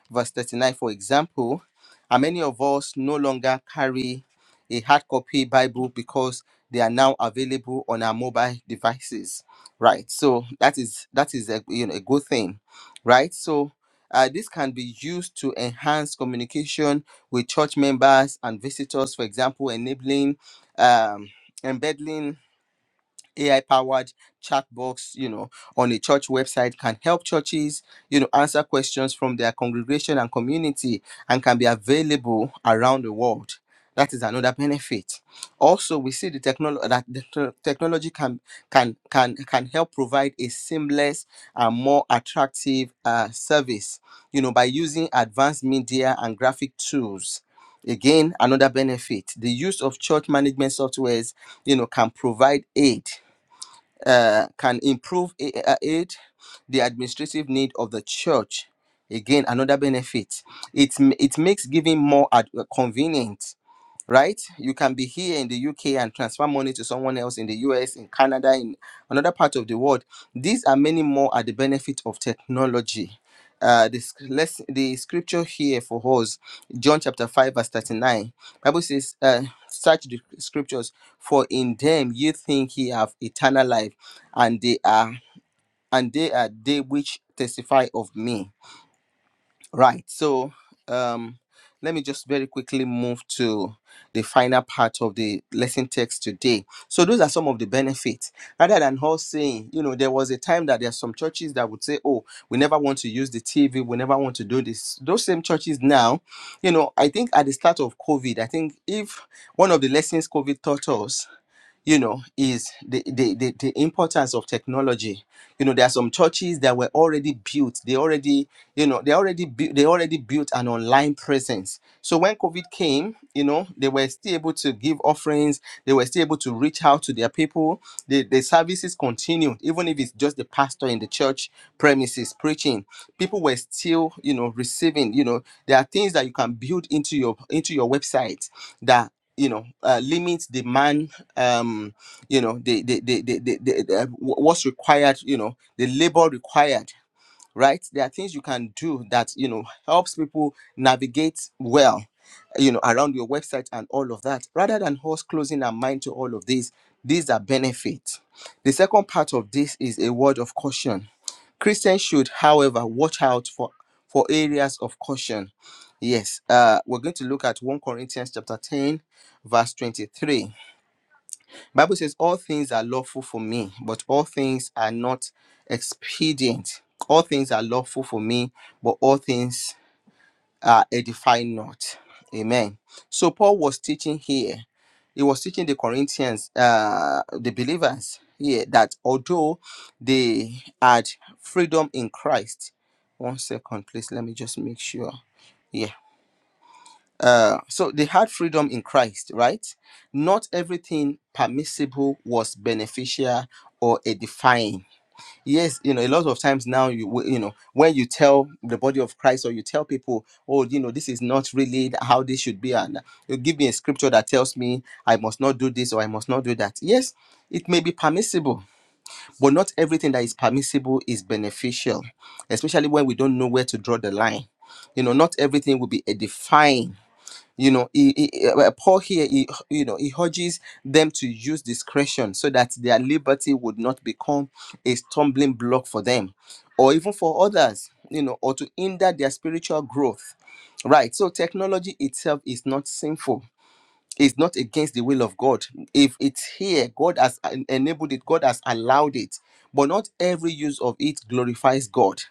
Speaker 3: verse 39, for example, and many of us no longer carry a hard copy Bible because they are now available on our mobile devices, right? So that is that is a you know a good thing, right? So uh, this can be used to enhance communication with church members and visitors, for example, enabling um, embeddling AI powered chat box, you know, on a church website can help churches, you know, answer questions from their congregation and community and can be available around the world. That is another benefit. Also, we see the technology that the te- technology can can can can help provide a seamless and more attractive uh, service, you know, by using advanced media and graphic tools. Again, another benefit. The use of church management softwares you know can provide aid uh, can improve i- uh, it, the administrative need of the church. Again, another benefit. It, m- it makes giving more ad- uh, convenient right? You can be here in the UK and transfer money to someone else in the US, in Canada, in another part of the world. These are many more at the benefit of technology. Uh, this let's, the scripture here for us, John chapter 5, verse 39. Bible says, uh, search the scriptures, for in them you think ye have eternal life, and they are and they are they which testify of me Right. So um, let me just very quickly move to the final part of the lesson text today. So those are some of the benefits. Rather than us saying, you know, there was a time that there are some churches that would say, oh, we never want to use the TV, we never want to do this. Those same churches now, you know, I think at the start of COVID, I think if one of the lessons COVID taught us you know is the, the the the importance of technology you know there are some churches that were already built they already you know they already built they already built an online presence so when covid came you know they were still able to give offerings they were still able to reach out to their people the, the services continued even if it's just the pastor in the church premises preaching people were still you know receiving you know there are things that you can build into your into your website that you know uh, limit the man um you know the the the, the, the, the, the what's required you know the labor required right there are things you can do that you know helps people navigate well you know around your website and all of that rather than us closing our mind to all of these, these are benefits the second part of this is a word of caution christians should however watch out for for areas of caution yes uh we're going to look at 1 corinthians chapter 10 verse 23 Bible says, All things are lawful for me, but all things are not expedient. All things are lawful for me, but all things are edifying not. Amen. So Paul was teaching here. He was teaching the Corinthians, uh, the believers here, that although they had freedom in Christ. One second, please. Let me just make sure. Yeah. Uh, so they had freedom in Christ, right? Not everything permissible was beneficial or edifying. Yes, you know, a lot of times now, you w- you know, when you tell the body of Christ or you tell people, oh, you know, this is not really how this should be, and you give me a scripture that tells me I must not do this or I must not do that. Yes, it may be permissible, but not everything that is permissible is beneficial, especially when we don't know where to draw the line. You know, not everything will be edifying you know he, he, uh, paul here he, you know he urges them to use discretion so that their liberty would not become a stumbling block for them or even for others you know or to hinder their spiritual growth right so technology itself is not sinful it's not against the will of God. If it's here, God has en- enabled it, God has allowed it. But not every use of it glorifies God.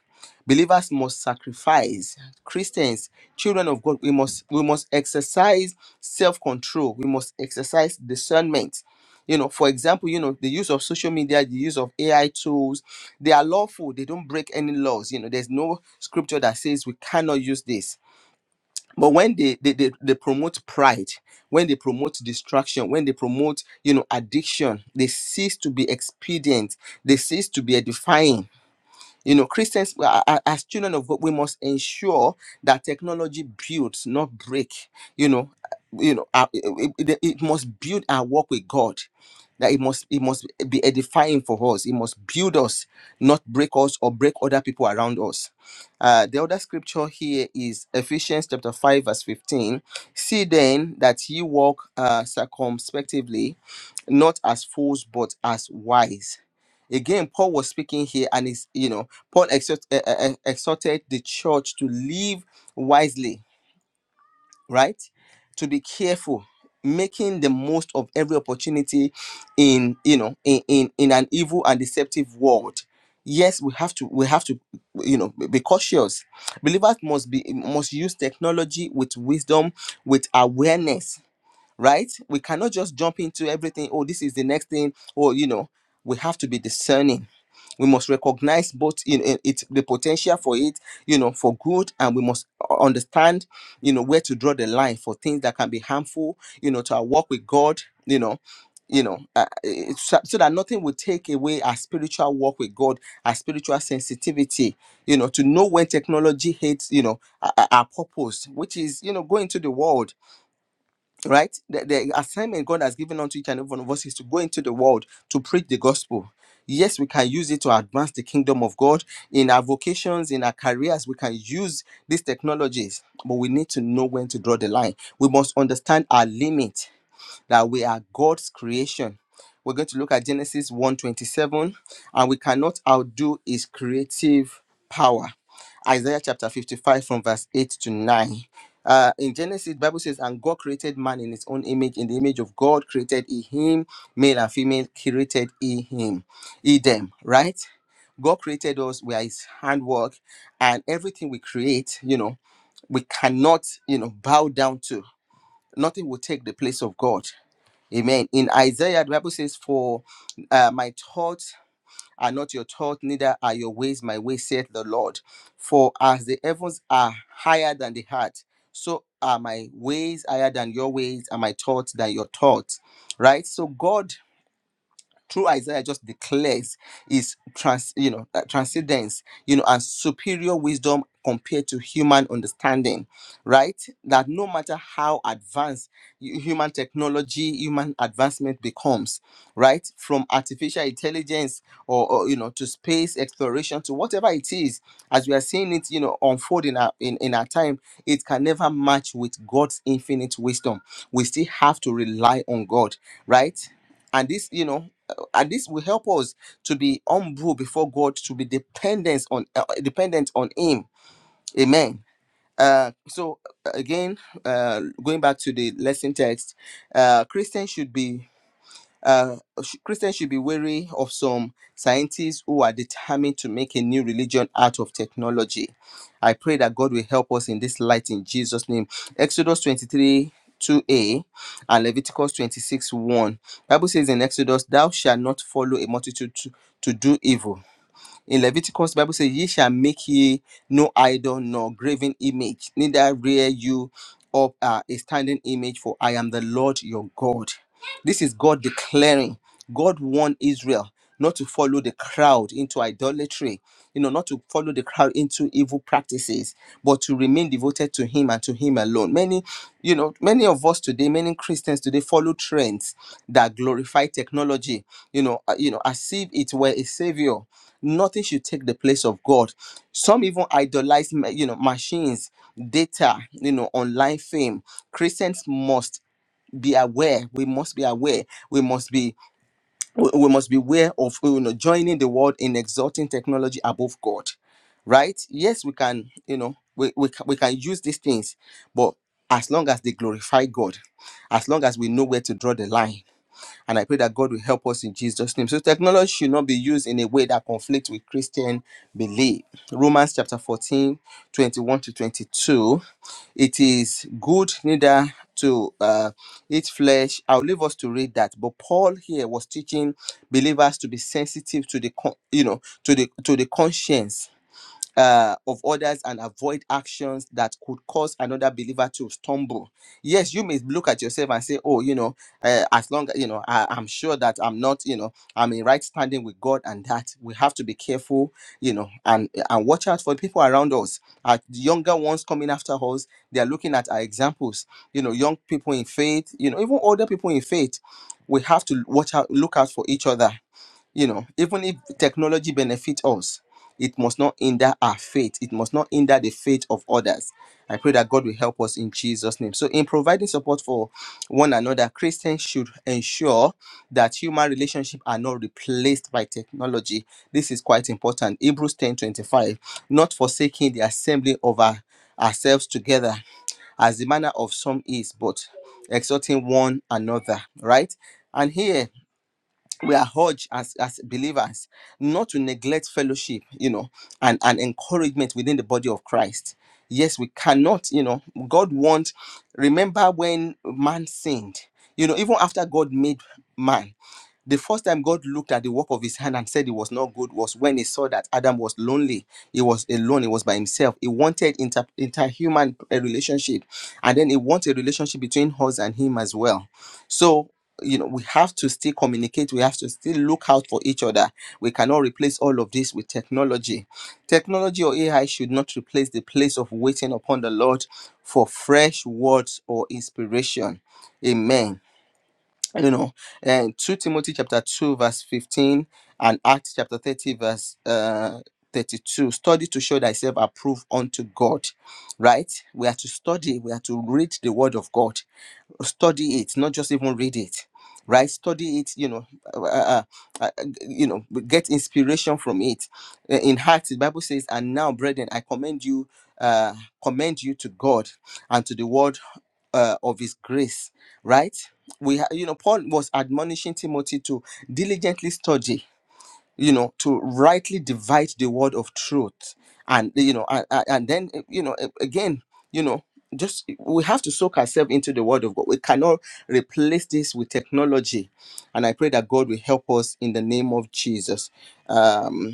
Speaker 3: Believers must sacrifice. Christians, children of God, we must we must exercise self-control. We must exercise discernment. You know, for example, you know, the use of social media, the use of AI tools, they are lawful. They don't break any laws. You know, there's no scripture that says we cannot use this but when they, they they they promote pride when they promote distraction when they promote you know addiction they cease to be expedient they cease to be edifying you know, Christians, we are- as children of God, we must ensure that technology builds, not break. You know, uh, you know, uh, it, it it must build our work with God. That it must it must be edifying for us. It must build us, not break us or break other people around us. Uh, the other scripture here is Ephesians chapter five verse fifteen. See then that ye walk uh, circumspectively not as fools but as wise again paul was speaking here and is you know paul exhort, uh, uh, uh, exhorted the church to live wisely right to be careful making the most of every opportunity in you know in in, in an evil and deceptive world yes we have to we have to you know be cautious believers must be must use technology with wisdom with awareness right? We cannot just jump into everything. Oh, this is the next thing. Or you know, we have to be discerning. We must recognize both in, in it the potential for it, you know, for good, and we must understand, you know, where to draw the line for things that can be harmful, you know, to our walk with God, you know, you know, uh, it- so so that nothing will take away our spiritual walk with God, our spiritual sensitivity, you know, to know when technology hits, you know, our, our purpose, which is, you know, going to the world right? The, the assignment God has given unto each and every one of us is to go into the world to preach the gospel. Yes, we can use it to advance the kingdom of God in our vocations, in our careers. We can use these technologies, but we need to know when to draw the line. We must understand our limit that we are God's creation. We're going to look at Genesis one twenty-seven, and we cannot outdo his creative power. Isaiah chapter 55 from verse 8 to 9. Uh, in Genesis, the Bible says, and God created man in his own image. In the image of God created he him, male and female created he him, he them, right? God created us, we are his handwork, and everything we create, you know, we cannot, you know, bow down to. Nothing will take the place of God. Amen. In Isaiah, the Bible says, For uh, my thoughts are not your thoughts, neither are your ways my ways, saith the Lord. For as the heavens are higher than the heart, so are my ways higher than your ways, and my thoughts than your thoughts. Right? So God through Isaiah just declares is trans, you know, uh, transcendence, you know, and superior wisdom compared to human understanding, right? That no matter how advanced hu- human technology, human advancement becomes, right? From artificial intelligence or, or you know to space exploration to whatever it is, as we are seeing it, you know, unfold in our in, in our time, it can never match with God's infinite wisdom. We still have to rely on God, right? and this you know and this will help us to be humble before God, to be dependent on uh, dependent on Him. Amen. Uh, so uh, again, uh, going back to the lesson text, uh, Christians should be uh, sh- Christians should be wary of some scientists who are determined to make a new religion out of technology. I pray that God will help us in this light in Jesus' name. Exodus 23. 2a and Leviticus 26 1. Bible says in Exodus, Thou shalt not follow a multitude to, to do evil, in Leviticus, Bible says, Ye shall make ye no idol nor graven image, neither rear you up uh, a standing image, for I am the Lord your God. This is God declaring. God warned Israel not to follow the crowd into idolatry, you know, not to follow the crowd into evil practices, but to remain devoted to Him and to Him alone. Many, you know, many of us today, many Christians today follow trends that glorify technology, you know, uh, you know, as if it were a savior nothing should take the place of god some even idolize ma- you know machines data you know online fame christians must be aware we must be aware we must be we we must be aware of you know joining the world in exalting technology above god right yes we can you know we, we, can, we can use these things but as long as they glorify god as long as we know where to draw the line and I pray that God will help us in Jesus' name. So technology should not be used in a way that conflicts with Christian belief. Romans chapter 14, 21 to 22. It is good neither to uh, eat flesh. I'll leave us to read that. But Paul here was teaching believers to be sensitive to the con- you know to the to the conscience uh, of others and avoid actions that could cause another believer to stumble. Yes, you may look at yourself and say, "Oh, you know, uh, as long you know, I, I'm sure that I'm not, you know, I'm in right standing with God, and that we have to be careful, you know, and and watch out for the people around us. At The younger ones coming after us, they are looking at our examples. You know, young people in faith, you know, even older people in faith. We have to watch out, look out for each other you know even if technology benefits us it must not hinder our faith it must not hinder the faith of others i pray that god will help us in jesus name so in providing support for one another christians should ensure that human relationships are not replaced by technology this is quite important hebrews ten twenty five. not forsaking the assembly of our, ourselves together as the manner of some is but exhorting one another right and here we are urged as, as believers not to neglect fellowship, you know, and, and encouragement within the body of Christ. Yes, we cannot, you know, God wants, remember when man sinned, you know, even after God made man, the first time God looked at the work of his hand and said it was not good was when he saw that Adam was lonely. He was alone. He was by himself. He wanted inter- interhuman uh, relationship. And then he wanted a relationship between us and him as well. So, you know, we have to still communicate. We have to still look out for each other. We cannot replace all of this with technology. Technology or AI should not replace the place of waiting upon the Lord for fresh words or inspiration. Amen you know and 2 timothy chapter 2 verse 15 and acts chapter 30 verse uh 32 study to show thyself approved unto god right we are to study we are to read the word of god study it not just even read it right study it you know uh, uh, uh, uh, you know get inspiration from it Uh, in heart the bible says and now brethren i commend you uh commend you to god and to the word uh, of his grace right we ha- you know paul was admonishing timothy to diligently study you know to rightly divide the word of truth and you know and, and then eh, you know eh, again you know just eh, we have to soak ourselves into the word of god we cannot replace this with technology and i pray that god will help us in the name of jesus Um,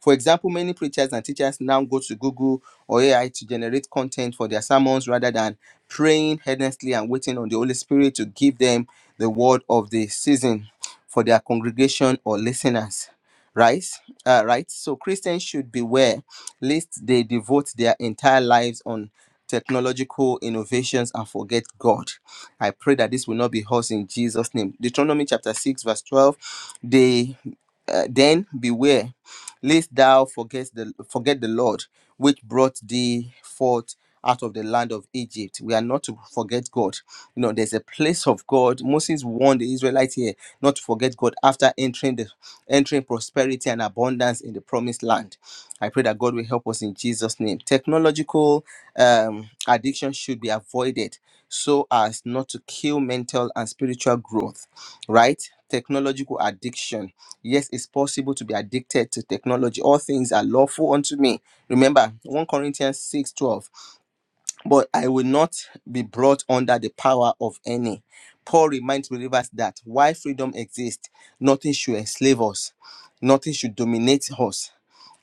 Speaker 3: for example, many preachers and teachers now go to Google or AI to generate content for their sermons rather than praying earnestly and waiting on the Holy Spirit to give them the word of the season for their congregation or listeners. Right? Uh, right? So Christians should beware lest they devote their entire lives on technological innovations and forget God. I pray that this will not be us in Jesus' name. Deuteronomy chapter 6, verse 12. They uh, then beware lest thou forget the forget the Lord, which brought thee forth out of the land of Egypt. We are not to forget God. You know, there's a place of God. Moses warned the Israelites here not to forget God after entering the entering prosperity and abundance in the promised land. I pray that God will help us in Jesus' name. Technological um, addiction should be avoided so as not to kill mental and spiritual growth, right? Technological addiction Yes, it's possible to be addicted to technology. All things are lawful unto me. Remember, 1 Corinthians 6 12. But I will not be brought under the power of any. Paul reminds believers that while freedom exists, nothing should enslave us, nothing should dominate us.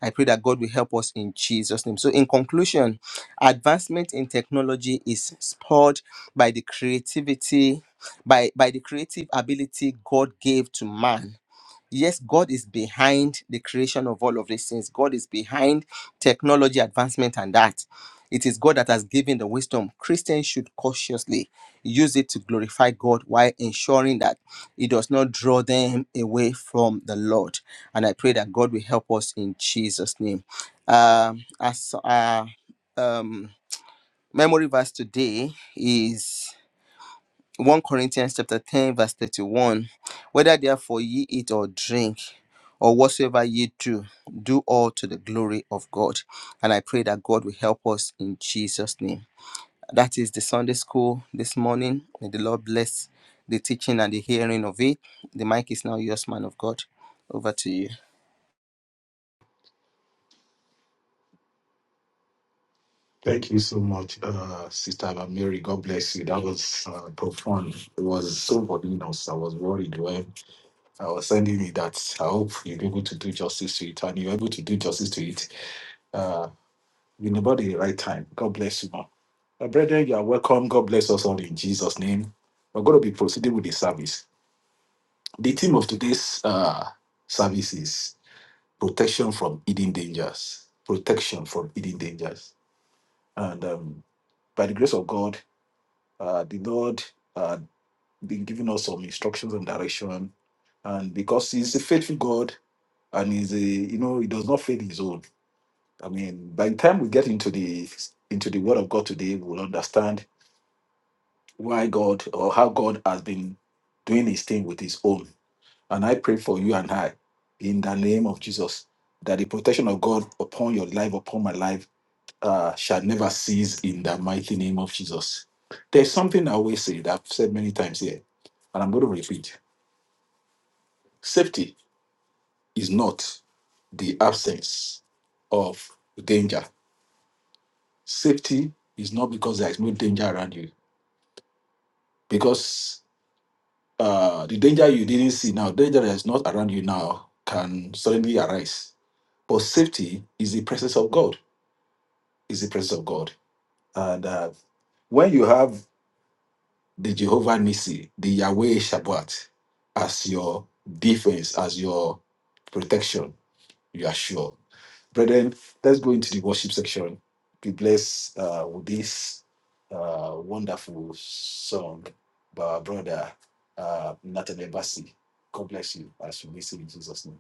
Speaker 3: I pray that God will help us in Jesus' name. So, in conclusion, advancement in technology is spurred by the creativity, by, by the creative ability God gave to man yes, God is behind the creation of all of these things. God is behind technology advancement and that. It is God that has given the wisdom. Christians should cautiously use it to glorify God while ensuring that it does not draw them away from the Lord. And I pray that God will help us in Jesus' name. Um, as our um, memory verse today is 1 Corinthians chapter 10, verse 31. Whether therefore ye eat or drink, or whatsoever ye do, do all to the glory of God. And I pray that God will help us in Jesus' name. That is the Sunday school this morning. May the Lord bless the teaching and the hearing of it. The mic is now yours, man of God. Over to you.
Speaker 1: Thank you so much, uh, Sister Mary. God bless you. That was uh, profound. It was so voluminous. I was worried. Why? I was sending you that. I hope you're able to do justice to it, and you're able to do justice to it. Uh, in about the right time. God bless you, man. My brethren, you are welcome. God bless us all in Jesus' name. We're going to be proceeding with the service. The theme of today's uh, service is protection from hidden dangers. Protection from hidden dangers. And um, by the grace of God, uh, the Lord uh, been giving us some instructions and direction. And because He's a faithful God, and he's a you know he does not fail his own. I mean, by the time we get into the into the Word of God today, we'll understand why God or how God has been doing His thing with His own. And I pray for you and I, in the name of Jesus, that the protection of God upon your life, upon my life, uh, shall never cease in the mighty name of Jesus. There's something I always say that I've said many times here, and I'm going to repeat: safety is not the absence of danger Safety is not because there is no danger around you, because uh, the danger you didn't see now, danger that is not around you now, can suddenly arise. But safety is the presence of God. Is the presence of God, and uh, when you have the Jehovah Nissi, the Yahweh Shabbat, as your defense, as your protection, You are sure. Brethren, let's go into the worship section. Be blessed uh, with this uh, wonderful song by our brother uh, Nathan Ebasi. God bless you as you listen in Jesus' name.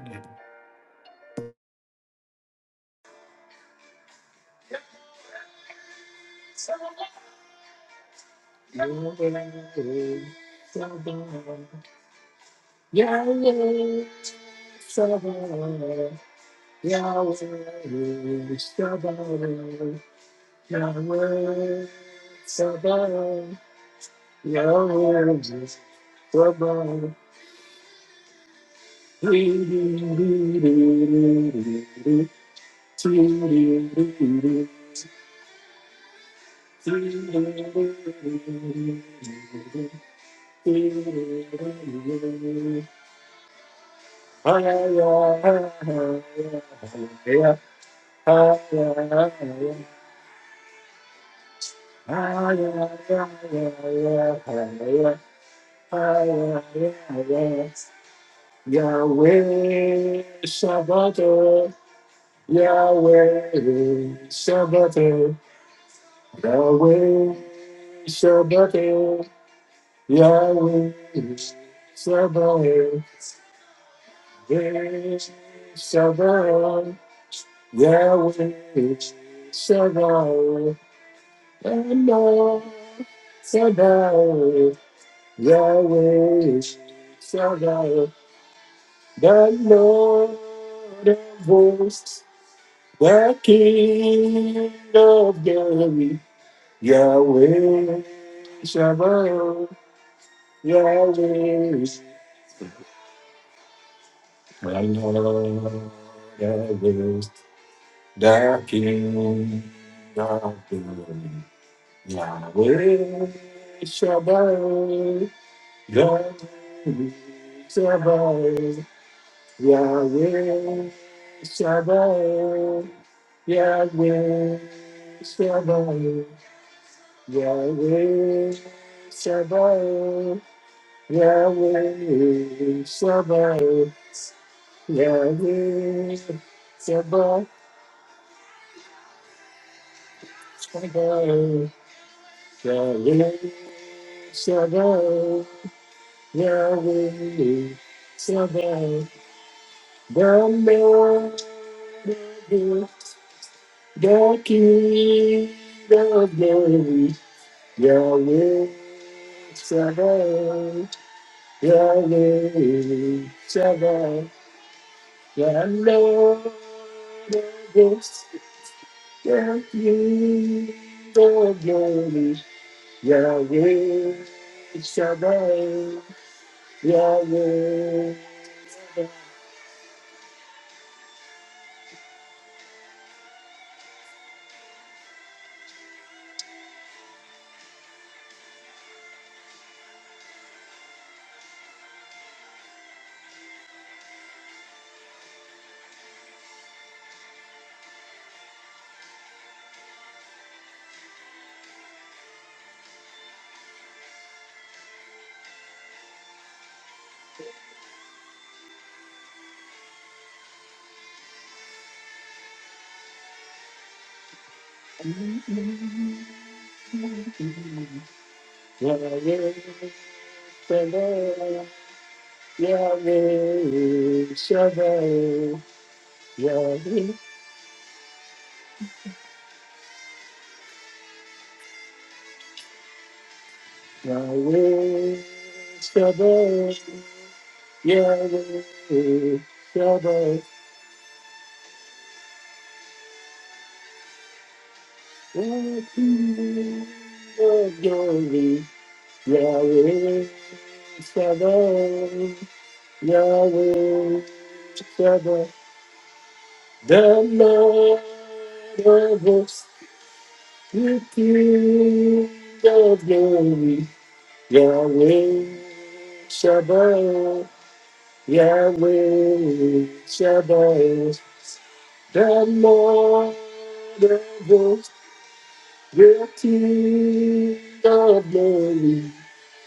Speaker 1: Yahweh, Sabaoth, Yahweh, Sabaoth, Yahweh, Sabaoth, Yahweh, Sabaoth. Yahweh Shabbat, Yahweh Shabbat, Yahweh Shabbat, Yahweh Shabbat, Yahweh Shabbat, Yahweh Shabbat. Eno, Shaddai, Yahweh, Shaddai, the Lord of hosts, the King of glory, Yahweh, Shaddai, Yahweh, the Lord of hosts, the King of glory, Yahweh, Shaddai. Yahweh Shabbat, Yahweh Shabbat, Yahweh Shabbat, Yahweh Shabbat, Yahweh Shabbat, Yahweh Shabbat, Shabbat, Yahweh Shabbat, Yahweh Shabbat. The Lord of hosts, the King of glory, Yahweh Shabbat, Yahweh Shabbat, the Lord of hosts, the King of glory, Yahweh Shabbat, Yahweh Shabbat. Yahweh Shabbat, Yahweh Shabbat, Yahweh, Yahweh Shabbat, Yahweh Shabbat, the King of glory, Yahweh Shabbat, Yahweh Shabbat, the Lord of hosts, the King of glory. Yahweh Shabbat, Yahweh Shabbat, the Lord of hosts, the King of glory,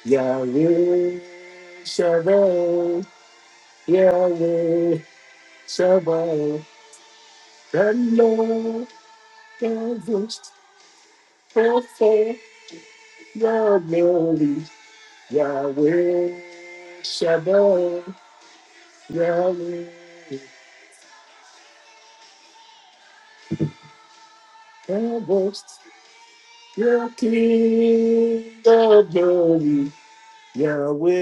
Speaker 1: Yahweh Shabbat, Yahweh Shabbat, the Lord of hosts, the King of glory, Yahweh Shabbat, Yahweh. Yahweh, your King of glory,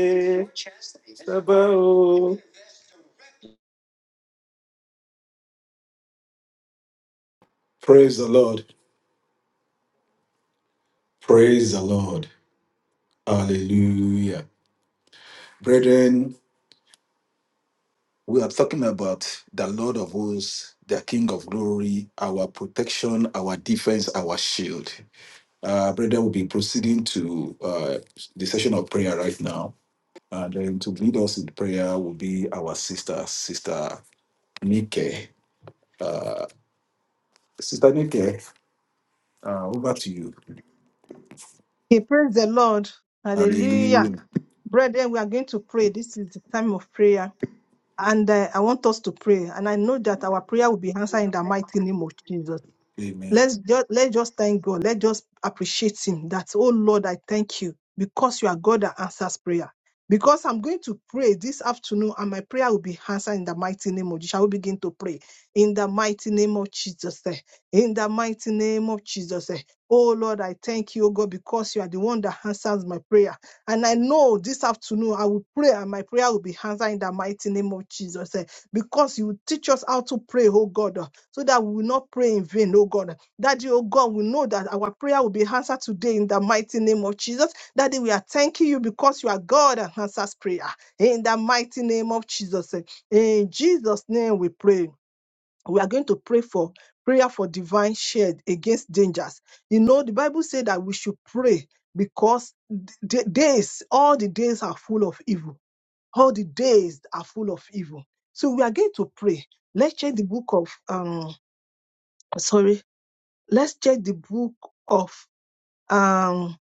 Speaker 1: Yahweh Sabaoth. Praise the Lord. Praise the Lord. Hallelujah. Brethren, we are talking about the Lord of hosts, the King of glory, our protection, our defense, our shield. Uh, brethren, we'll be proceeding to uh, the session of prayer right now. And then to lead us in prayer will be our sister, Sister Nike. uh, Sister Nike, uh, over to you.
Speaker 4: He praise the Lord. Hallelujah.
Speaker 1: Hallelujah.
Speaker 4: Brethren, we are going to pray. This is the time of prayer. And uh, I want us to pray. And I know that our prayer will be answered in the mighty name of Jesus.
Speaker 1: Amen.
Speaker 4: Let's just let's just thank God. Let's just appreciate Him that, oh Lord, I thank you because you are God that answers prayer. Because I'm going to pray this afternoon and my prayer will be answered in the mighty name of Jesus. I will begin to pray in the mighty name of Jesus. eh. In the mighty name of Jesus. eh. Oh Lord, I thank you, oh God, because you are the one that answers my prayer. And I know this afternoon I will pray and my prayer will be answered in the mighty name of Jesus. eh. Because you teach us how to pray, oh God, eh, so that we will not pray in vain, oh God. Daddy, oh God, we know that our prayer will be answered today in the mighty name of Jesus. Daddy, we are thanking you because you are God and answers prayer in the mighty name of Jesus. In Jesus' name we pray. We are going to pray for prayer for divine shield against dangers. You know, the Bible said that we should pray because the days, all the days are full of evil. All the days are full of evil. So we are going to pray. Let's check the book of um sorry Let's check the book of um,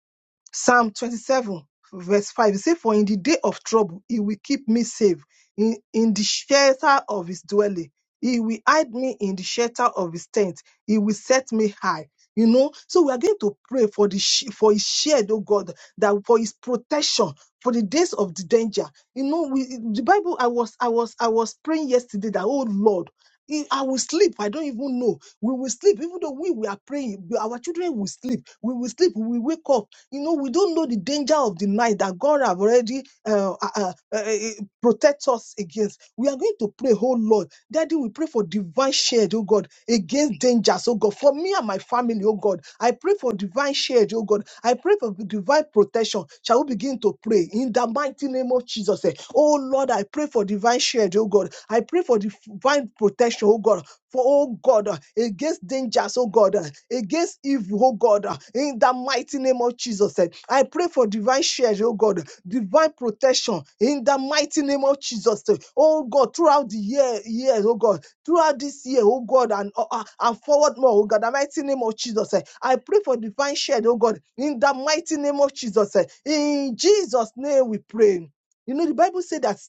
Speaker 4: Psalm 27, verse 5. It says, For in the day of trouble, he will keep me safe in, in the shelter of his dwelling. He will hide me in the shelter of his tent. He will set me high. You know, so we are going to pray for the sh- for his shield, oh God, that for his protection for the days of the danger. You know, we the Bible. I was I was I was praying yesterday that oh Lord, I will sleep. I don't even know. We will sleep, even though we, we are praying. Our children will sleep. We will sleep. We will wake up. You know, we don't know the danger of the night that God have already uh, uh, uh, uh, protect us against. We are going to pray, oh Lord, Daddy. We pray for divine divine shield, oh God, against dangers, oh God, for me and my family, oh God. I pray for divine shield, oh God. I pray for divine protection. Shall we begin to pray in the mighty name of Jesus? eh? Oh Lord, I pray for divine shield, oh God. I pray for divine protection, oh God. For oh God, uh, against dangers, oh God, uh, against evil, oh God, uh, in the mighty name of Jesus. eh. I pray for divine shield, oh God, divine protection in the mighty name of Jesus. eh. Oh God, throughout the year, years, oh God throughout this year, oh God, and, uh, uh, and forward more, oh God, the mighty name of Jesus. eh. I pray for divine shed, oh God, in the mighty name of Jesus. eh. In Jesus' name we pray. You know, the Bible said that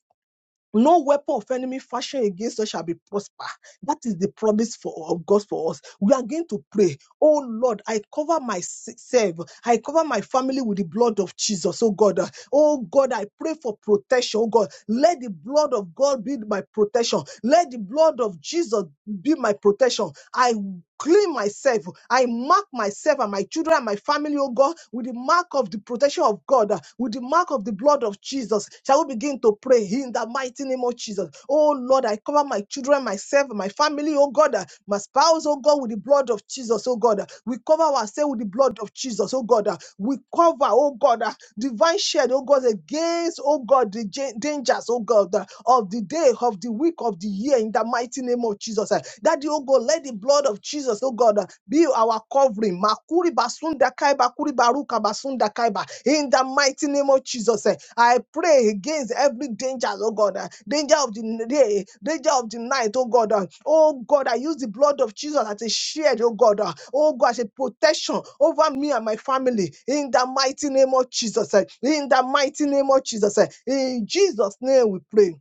Speaker 4: no weapon of enemy fashion against us shall be prosper. That is the promise for of God for us. We are going to pray. Oh Lord, I cover myself. I cover my family with the blood of Jesus. Oh God. Oh God, I pray for protection. Oh God, let the blood of God be my protection. Let the blood of Jesus be my protection. I clean myself. I mark myself and my children and my family, oh God, with the mark of the protection of God, uh, with the mark of the blood of Jesus. Shall we begin to pray in the mighty name of Jesus? Oh Lord, I cover my children, myself, my family, oh God, uh, my spouse, oh God, with the blood of Jesus, oh God. uh, We cover ourselves with the blood of Jesus, oh God. uh, We cover, oh God, uh, divine shed, oh God, against, oh God, the ja- dangers, oh God, uh, of the day, of the week, of the year, in the mighty name of Jesus. uh, Daddy, oh God, let the blood of Jesus, oh God, uh, be our covering. Makuri basunda kaiba, kuri baruka basunda kaiba. In the mighty name of Jesus, eh, I pray against every danger, oh God, uh, danger of the day, danger of the night, oh God. uh, Oh God, I use the blood of Jesus as a shield, oh God. uh, Oh God, as a protection over me and my family. In the mighty name of Jesus, eh, in the mighty name of Jesus, eh, in Jesus' name we pray.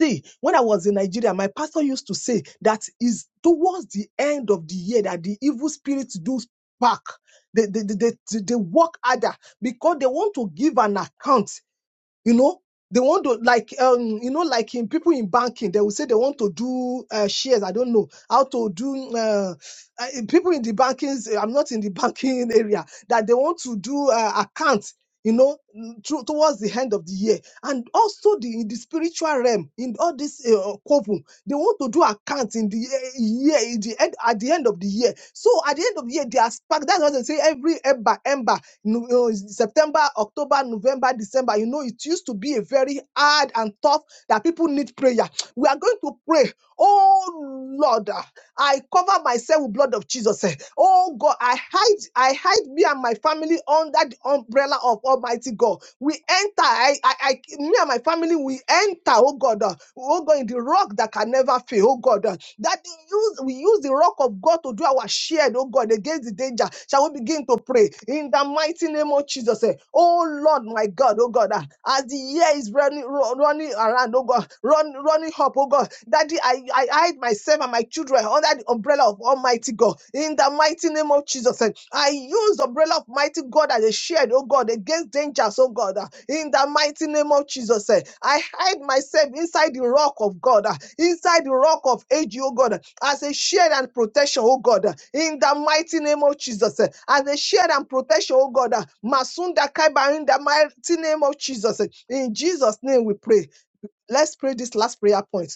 Speaker 4: See, when I was in Nigeria, my pastor used to say that is towards the end of the year that the evil spirits do back. They, they, they, they, they work harder because they want to give an account you know they want to like um you know like in people in banking they will say they want to do uh, shares i don't know how to do uh, uh, people in the banking i'm not in the banking area that they want to do uh, accounts you know mm, to, towards the end of the year and also the in the spiritual realm in all this uh, couple they want to do accounts in the ye- year in the end at the end of the year so at the end of the year they are spark that's what they say every ember ember you know, September, October, November, December. You know, it used to be a very hard and tough that people need prayer. We are going to pray. Oh Lord, ah, I cover myself with blood of Jesus. eh. Oh God, I hide, I hide me and my family under the umbrella of Almighty God. We enter, I, I, I me and my family, we enter, oh God, uh, oh God, in the rock that can never fail, oh God. uh, That use we use the rock of God to do our shield, oh God, against the danger. Shall we begin to pray in the mighty name of Jesus? eh. Oh Lord. Lord my God, oh God, ah, as the year is running ru- running around, oh God, run running up, oh God. Daddy, I, I hide myself and my children under the umbrella of Almighty God. In the mighty name of Jesus, eh, I use the umbrella of mighty God as a shield, oh God, against dangers, oh God. ah. In the mighty name of Jesus, eh, I hide myself inside the rock of God, ah, inside the rock of age, oh God as a shield and protection, oh God, in the mighty name of Jesus, as a shield and protection, oh God, Masunda Kaiba, in the mighty name of Jesus. In Jesus' name we pray. Let's pray this last prayer point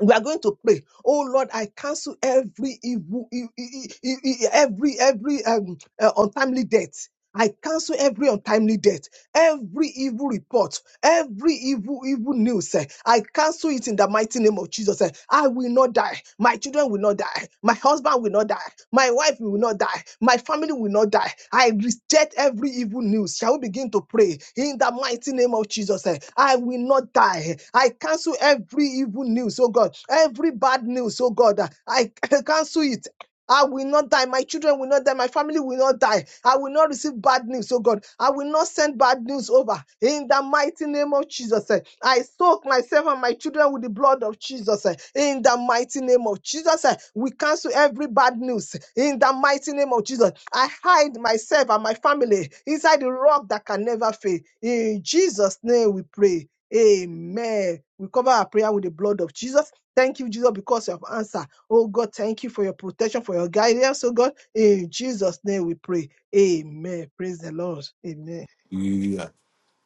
Speaker 4: we are going to pray oh lord i cancel every evil e- e- e- e- e, every every um, uh, untimely death i cancel every untimely death every evil report every evil evil news eh, i cancel it in the mighty name of jesus eh. i will not die my children will not die my husband will not die my wife will not die. My family will not die. I reject every evil news. Shall we begin to pray in the mighty name of Jesus? eh, I will not die. I cancel every evil news, oh God. Every bad news, oh God. I cancel it. I will not die. My children will not die. My family will not die. I will not receive bad news, oh God. I will not send bad news over. In the mighty name of Jesus, eh, I soak myself and my children with the blood of Jesus. eh. In the mighty name of Jesus, eh, we cancel every bad news. In the mighty name of Jesus, I hide myself and my family inside the rock that can never fail. In Jesus' name we pray. Amen. We cover our prayer with the blood of Jesus. Thank you, Jesus, because you have answered. Oh God, thank you for your protection, for your guidance. Oh God, in Jesus' name we pray. Amen. Praise the Lord. Amen.
Speaker 1: Yeah.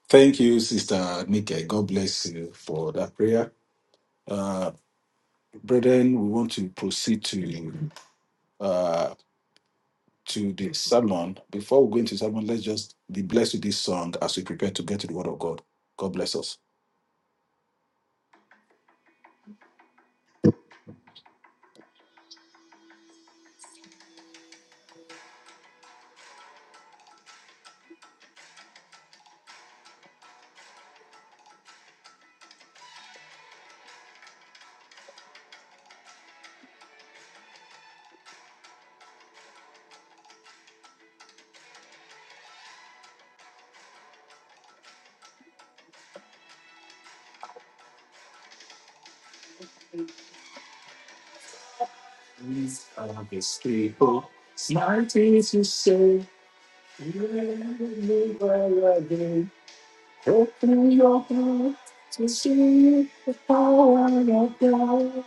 Speaker 1: Thank you, Sister Nike. God bless you for that prayer. Uh, brethren, we want to proceed to uh, to the sermon. Before we go into sermon, let's just be blessed with this song as we prepare to get to the Word of God. God bless us. These are the people, mighty to say, Open your heart to see the power of God.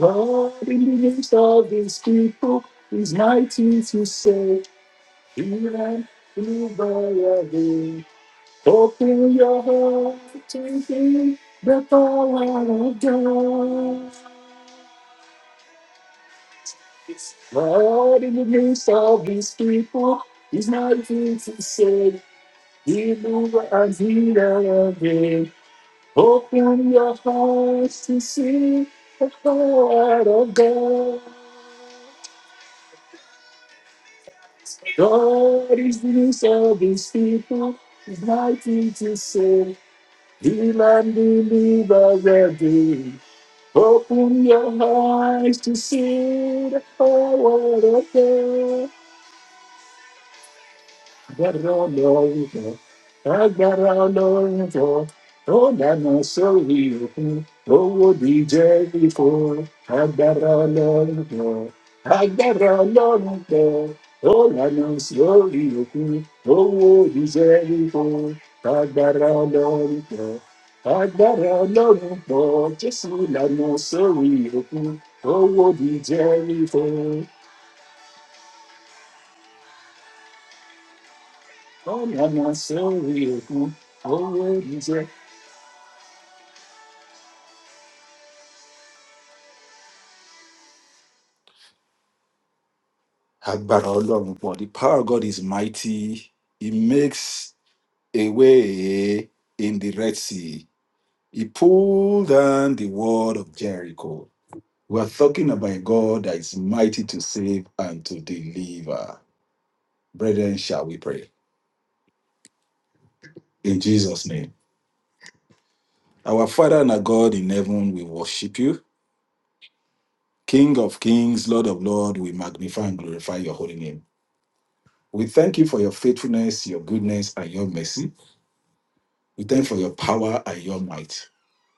Speaker 1: God in the midst of these people is mighty to save. Even over again. Open your heart to see the power of God. God in the midst of these people is mighty to save. He moves and he again. Open your hearts to see the heart of God. God is the news of his people. He's mighty to save. Heal and deliver every day. Open your eyes to see the power of God. got around over. I got around over. Oh, that not so evil. Oh, DJ before. I got around over. I got around over. Oh, that not so evil. Oh, DJ before. I got around over. I got around over. Just so that not so evil. Oh, DJ before. Oh, that not so evil. Oh, DJ agbára ọlọrun pọ the power of god is mighty he makes a way in the red sea he pulled down the wall of jericho we are talking about a god that is mighty to save and to deliver brethren shall we pray in jesus name our father and our god in heaven we worship you king of kings lord of lords we magnify and glorify your holy name we thank you for your faithfulness your goodness and your mercy we thank you for your power and your might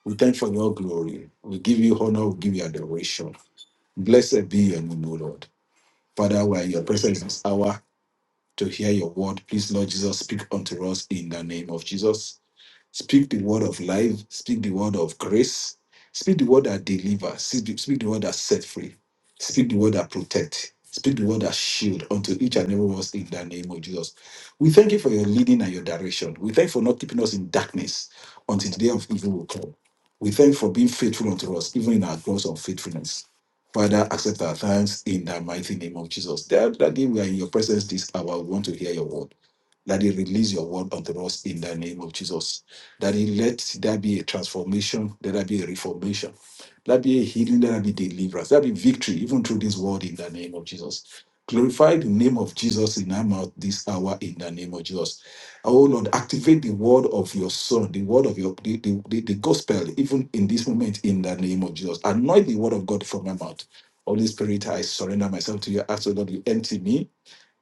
Speaker 1: We thank for your glory. We give you honor. We give you adoration. Blessed be your name, O Lord. Father, we are in your presence this hour to hear your word. Please, Lord Jesus, speak unto us in the name of Jesus. Speak the word of life. Speak the word of grace. Speak the word that delivers. Speak the speak the word that set free. Speak the word that protect. Speak the word that shield unto each and every one of us in the name of Jesus. We thank you for your leading and your direction. We thank you for not keeping us in darkness until the day of evil will come. We thank you for being faithful unto us, even in our gross unfaithfulness. Father, accept our thanks in the mighty name of Jesus. That, that day we are in your presence this hour, we want to hear your word. That they release your word unto us in the name of Jesus that he let there be a transformation, let there be a reformation, let there be a healing, let there be deliverance, let there be victory, even through this world in the name of Jesus. Glorify the name of Jesus in our mouth this hour in the name of Jesus. Oh Lord, activate the word of your son, the word of your the, the, the, the gospel, even in this moment in the name of Jesus. Anoint the word of God from my mouth. Holy Spirit, I surrender myself to you. Ask the Lord, you empty me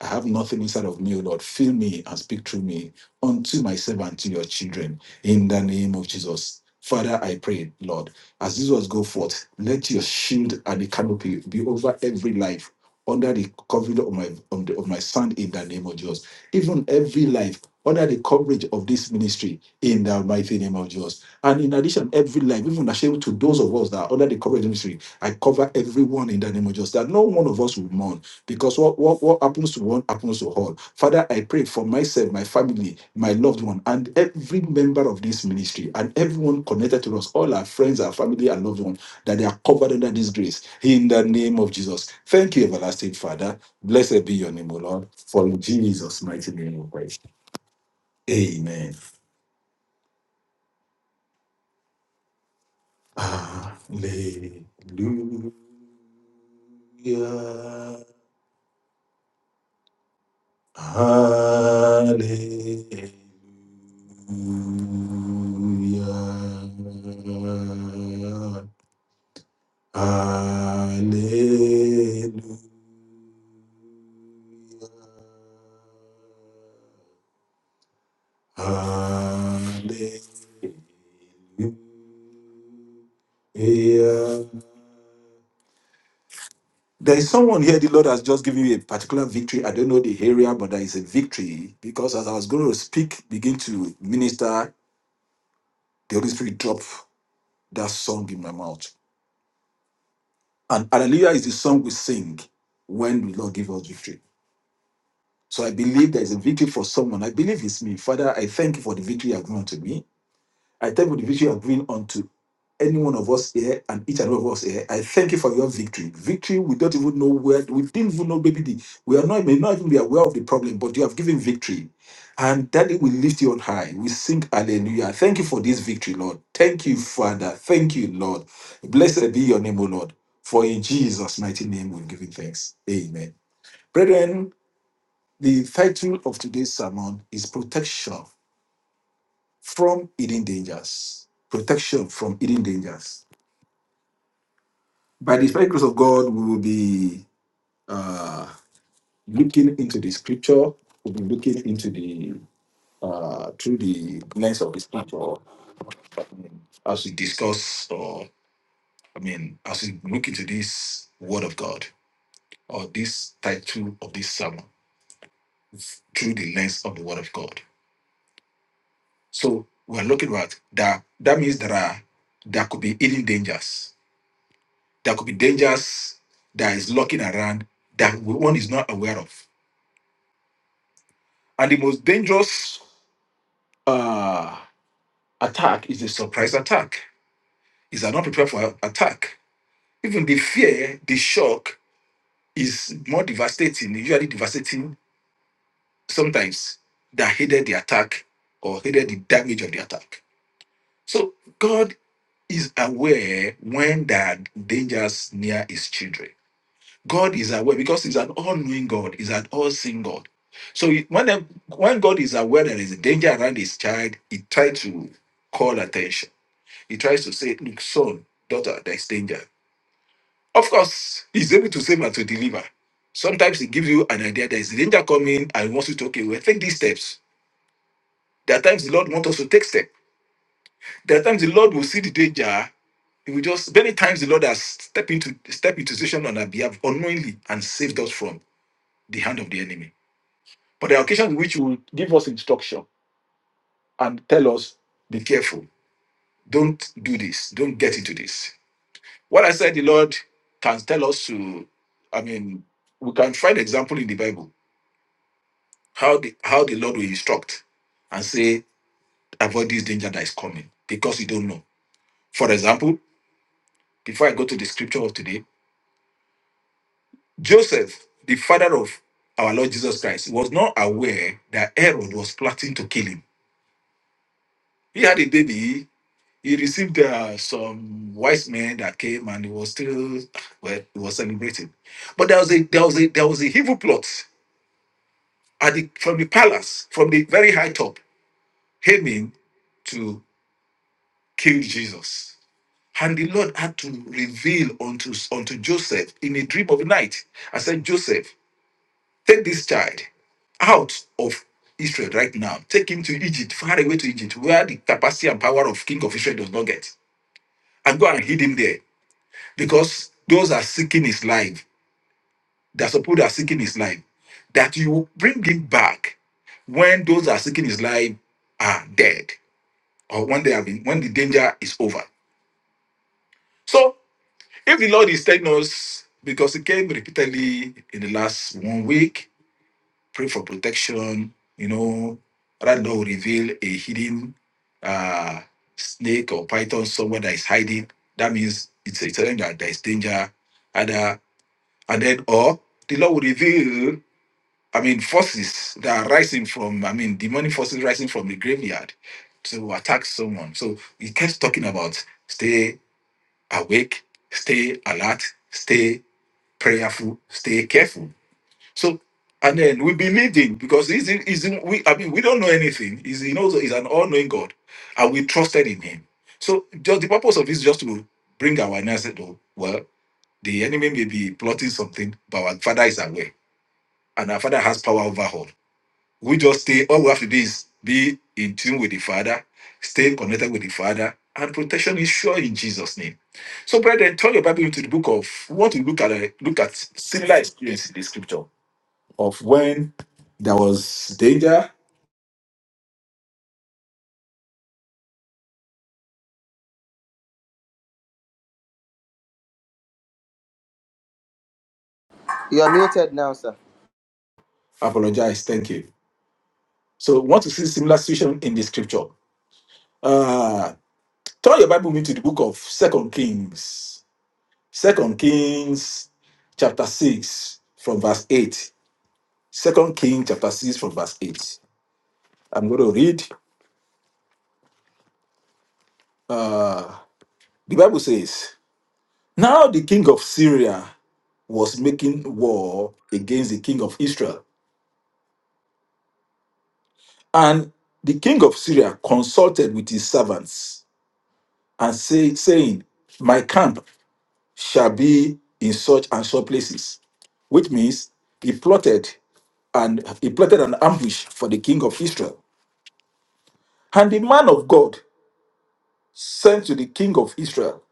Speaker 1: I have nothing inside of me, O Lord. Fill me and speak through me unto myself and to your children in the name of Jesus. Father, I pray, Lord, as this was go forth, let your shield and the canopy be over every life under the covering of my of, the, of my son in the name of Jesus. Even every life under the coverage of this ministry in the mighty name of Jesus. And in addition, every life, even ashamed to those of us that are under the coverage of the ministry, I cover everyone in the name of Jesus. That no one of us will mourn because what, what, what happens to one happens to all. Father, I pray for myself, my family, my loved one, and every member of this ministry, and everyone connected to us, all our friends, our family, and loved one, that they are covered under this grace. In the name of Jesus. Thank you, everlasting Father. Blessed be your name, O Lord. For in Jesus' mighty name we pray. Amen. Hallelujah. Hallelujah. Hallelujah. Hallelujah. There is someone here, the Lord has just given you a particular victory. I don't know the area, but there is a victory because as I was going to speak, begin to minister, the Holy Spirit dropped that song in my mouth. And Hallelujah is the song we sing when the Lord gives us victory. So I believe there is a victory for someone. I believe it's me. Father, I thank you for the victory you have given to me. I thank you for the victory you have given unto any one of us here and each and every of us here. I thank you for your victory. Victory, we don't even know where, we didn't even know maybe the, we are not, may not even be aware of the problem, but you have given victory. And Daddy, we lift you on high. We sing hallelujah. Thank you for this victory, Lord. Thank you, Father. Thank you, Lord. Blessed be your name, O Lord. For in Jesus' mighty name we've given thanks. Amen. Brethren, the title of today's sermon is Protection from hidden dangers, protection from hidden dangers. By the special grace of God, we will be uh, looking into the scripture. We'll be looking into the uh, through the lens of the scripture I mean, as we discuss, or I mean, as we look into this Word of God or this title of this sermon through the lens of the Word of God. So we're looking at that. That means there are there could be hidden dangers There could be dangers that is lurking around that one is not aware of. And the most dangerous uh, attack is a surprise attack. Is are not prepared for attack. Even the fear, the shock is more devastating, usually devastating sometimes, that hated the attack or hated the damage of the attack. So God is aware when there are dangers near his children. God is aware because He's an all-knowing God, He's an all-seeing God. So he- when the, when God is aware there is a danger around His child, He tries to call attention. He tries to say, "Look, son, daughter, there is danger." Of course, He's able to save and to deliver. Sometimes He gives you an idea there is danger coming and He wants you to okay, well, take these steps. There are times the Lord wants us to take steps. There are times the Lord will see the danger he will just many times the Lord has stepped into step into situation on our behalf unknowingly and saved us from the hand of the enemy. But there are occasions in which you will give us instruction and tell us, be careful, don't do this, don't get into this. What I said, the Lord can tell us to, I mean, we can find example in the Bible how the how the Lord will instruct and say, avoid this danger that is coming because you don't know. For example, before I go to the scripture of today, Joseph, the father of our Lord Jesus Christ, was not aware that Herod was plotting to kill him. He had a baby He received uh, some wise men that came and he was still well, he was celebrating. But there was a there was a there was a evil plot at the from the palace, from the very high top, aiming to kill Jesus. And the Lord had to reveal unto, unto Joseph in a dream of the night. I said, Joseph, take this child out of Israel right now. Take him to Egypt, far away to Egypt, where the capacity and power of King of Israel does not get. And go and hid him there. because those are seeking his life. There are some people that are seeking his life. That you bring him back when those that are seeking his life are dead, or when they have been when the danger is over. So if the Lord is telling us, because he came repeatedly in the last one week, pray for protection, you know, rather than reveal a hidden uh snake or python somewhere that is hiding. That means it's a telling that there is danger, either and then or the Lord will reveal, I mean, forces that are rising from, I mean, demonic forces rising from the graveyard to attack someone. So he keeps talking about stay awake, stay alert, stay prayerful, stay careful. So and then we believed him because he's, he's we I mean we don't know anything. He's he knows he's an all-knowing God, and we trusted in him. So just the purpose of this is just to bring awareness that oh well the enemy may be plotting something, but our father is aware and our father has power over all. We just stay, all we have to do is be in tune with the Father, stay connected with the Father, and protection is sure in Jesus' name. So, brethren, turn your Bible into the book of we want to look at a look at similar experience in the scripture of when there was danger,
Speaker 3: You are muted now, sir.
Speaker 1: apologize, thank you. So we want to see similar situation in the scripture. Uh turn your Bible into the book of Second Kings. Second Kings chapter 6 from verse 8 Second King chapter 6 from verse 8. I'm going to read. Uh, the Bible says, Now the king of Syria was making war against the king of Israel. And the king of Syria consulted with his servants and say, saying, My camp shall be in such and such places. Which means he plotted and he plotted an ambush for the king of Israel. And the man of God sent to the king of Israel,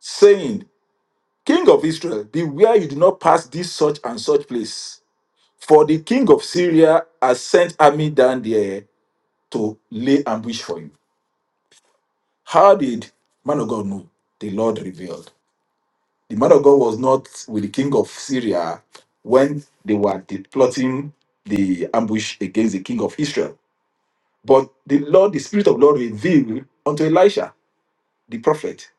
Speaker 1: saying, King of Israel, beware you do not pass this such and such place. For the king of Syria has sent army down there to lay ambush for you. How did man of God know? The Lord revealed. The man of God was not with the king of Syria when they were de- plotting the ambush against the king of Israel. But the Lord, the Spirit of the Lord revealed unto Elisha, the prophet,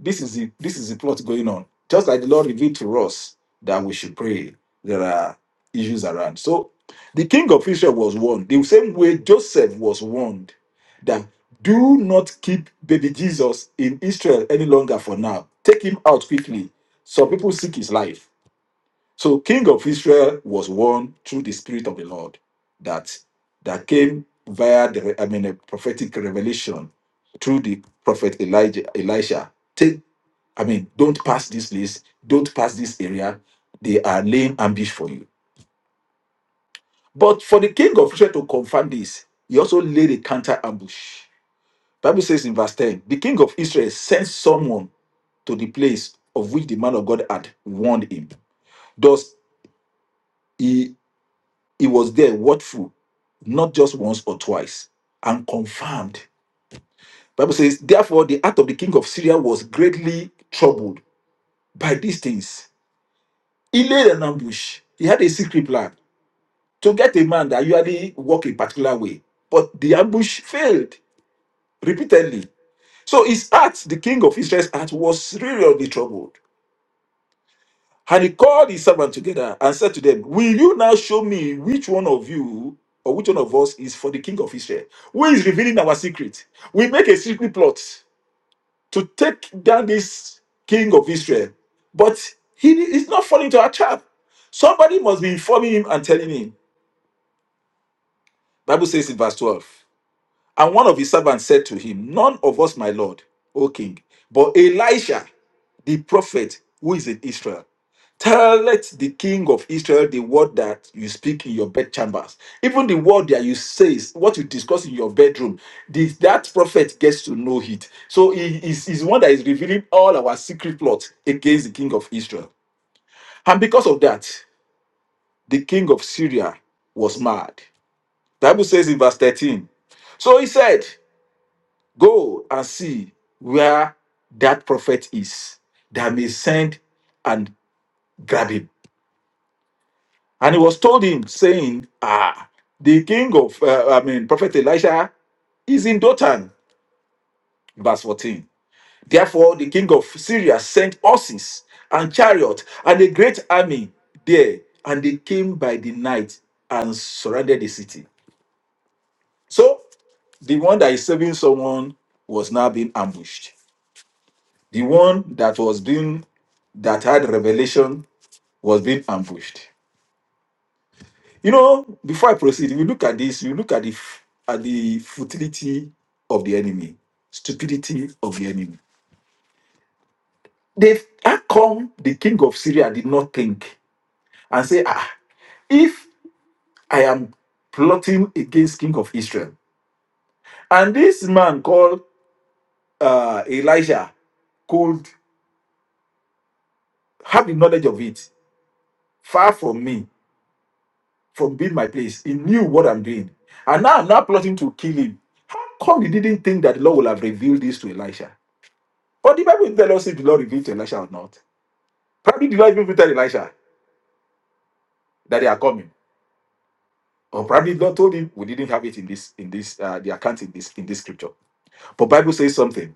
Speaker 1: This is the this is the plot going on. Just like the Lord revealed to us that we should pray, there are issues around. So the king of Israel was warned. The same way Joseph was warned that do not keep baby Jesus in Israel any longer for now. Take him out quickly. Some people seek his life. So king of Israel was one through the spirit of the Lord that that came via the I mean a prophetic revelation through the prophet Elijah Elisha. Take I mean don't pass this list, don't pass this area. They are laying ambush for you. But for the king of Israel to confirm this, he also laid a counter ambush. Bible says in verse 10, the king of Israel sent someone to the place of which the man of God had warned him. Thus, he He was there watchful, not just once or twice, and confirmed. Bible says, therefore, the heart of the king of Syria was greatly troubled by these things. He laid an ambush. He had a secret plan to get a man that usually walk a particular way, but the ambush failed repeatedly. So his heart, the king of Israel's heart, was seriously troubled. And he called his servants together and said to them, Will you now show me which one of you or which one of us is for the king of Israel? Who is revealing our secret? We make a secret plot to take down this king of Israel, but he is not falling to our trap. Somebody must be informing him and telling him. Bible says in verse 12. And one of his servants said to him, None of us, my lord, O king, but Elisha, the prophet who is in Israel. Telleth the king of Israel the word that you speak in your bedchambers. Even the word that you say, is what you discuss in your bedroom, the, that prophet gets to know it. So he is he's one that is revealing all our secret plots against the king of Israel. And because of that, the king of Syria was mad. Bible says in verse 13. So he said, Go and see where that prophet is that may send and grab him. And it was told him, saying, Ah, the king of, uh, I mean, Prophet Elisha is in Dotan. Verse 14. Therefore, the king of Syria sent horses and chariot and a great army there, and they came by the night and surrounded the city. So, the one that is saving someone was now being ambushed. The one that was being, that had revelation was being ambushed. You know, before I proceed, if you look at this, you look at the f- at the futility of the enemy, stupidity of the enemy. They how come the king of Syria did not think and say, ah, if I am plotting against king of Israel, and this man called uh, Elijah could have the knowledge of it far from me, from being my place. He knew what I'm doing. And now I'm not plotting to kill him. How come he didn't think that the Lord will have revealed this to Elisha? But the Bible did us if the Lord revealed to Elisha or not. Probably the Lord even tell Elisha that they are coming. Or probably the Lord told him we didn't have it in this in this uh, the account in this in this scripture. But Bible says something.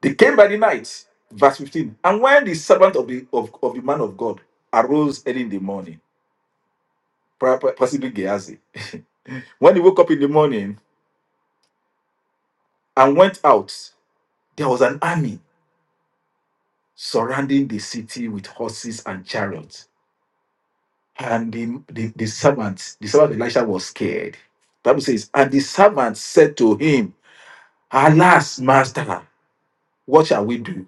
Speaker 1: They came by the night, verse 15. And when the servant of the of, of the man of God arose early in the morning, pro- pro- possibly Gehazi, when he woke up in the morning and went out, there was an army surrounding the city with horses and chariots. And the, the, the servant, the servant Elisha was scared. Bible says, and the servant said to him, Alas, master, what shall we do?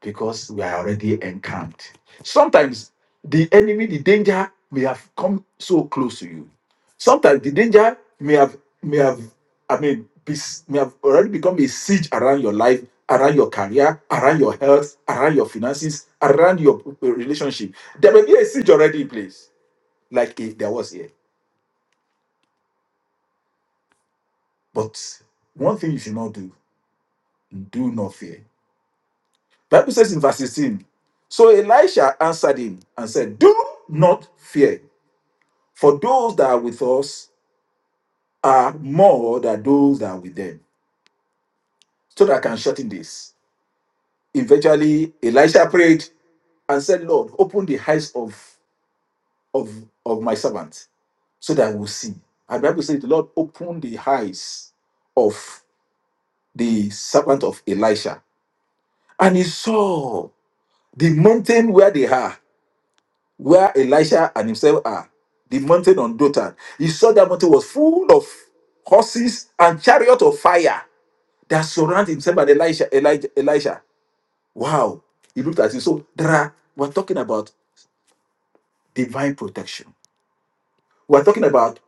Speaker 1: Because we are already encamped. Sometimes the enemy, the danger may have come so close to you. Sometimes the danger may have may have I mean be, may have already become a siege around your life, around your career, around your health, around your finances, around your uh, relationship. There may be a siege already in place, like if there was here. But one thing you should not do, do not fear. Bible says in verse 16, so Elisha answered him and said, Do not fear, for those that are with us are more than those that are with them. So that I can shorten this. Eventually, Elisha prayed and said, Lord, open the eyes of, of, of my servant so that I will see. And the Bible says, The Lord opened the eyes of the servant of Elisha. And he saw The mountain where they are, where Elisha and himself are, the mountain on Dothan. He saw that mountain was full of horses and chariot of fire that surround himself and Elisha. Elijah, Elisha. Wow. He looked at it. So there are, we're talking about divine protection. We're talking about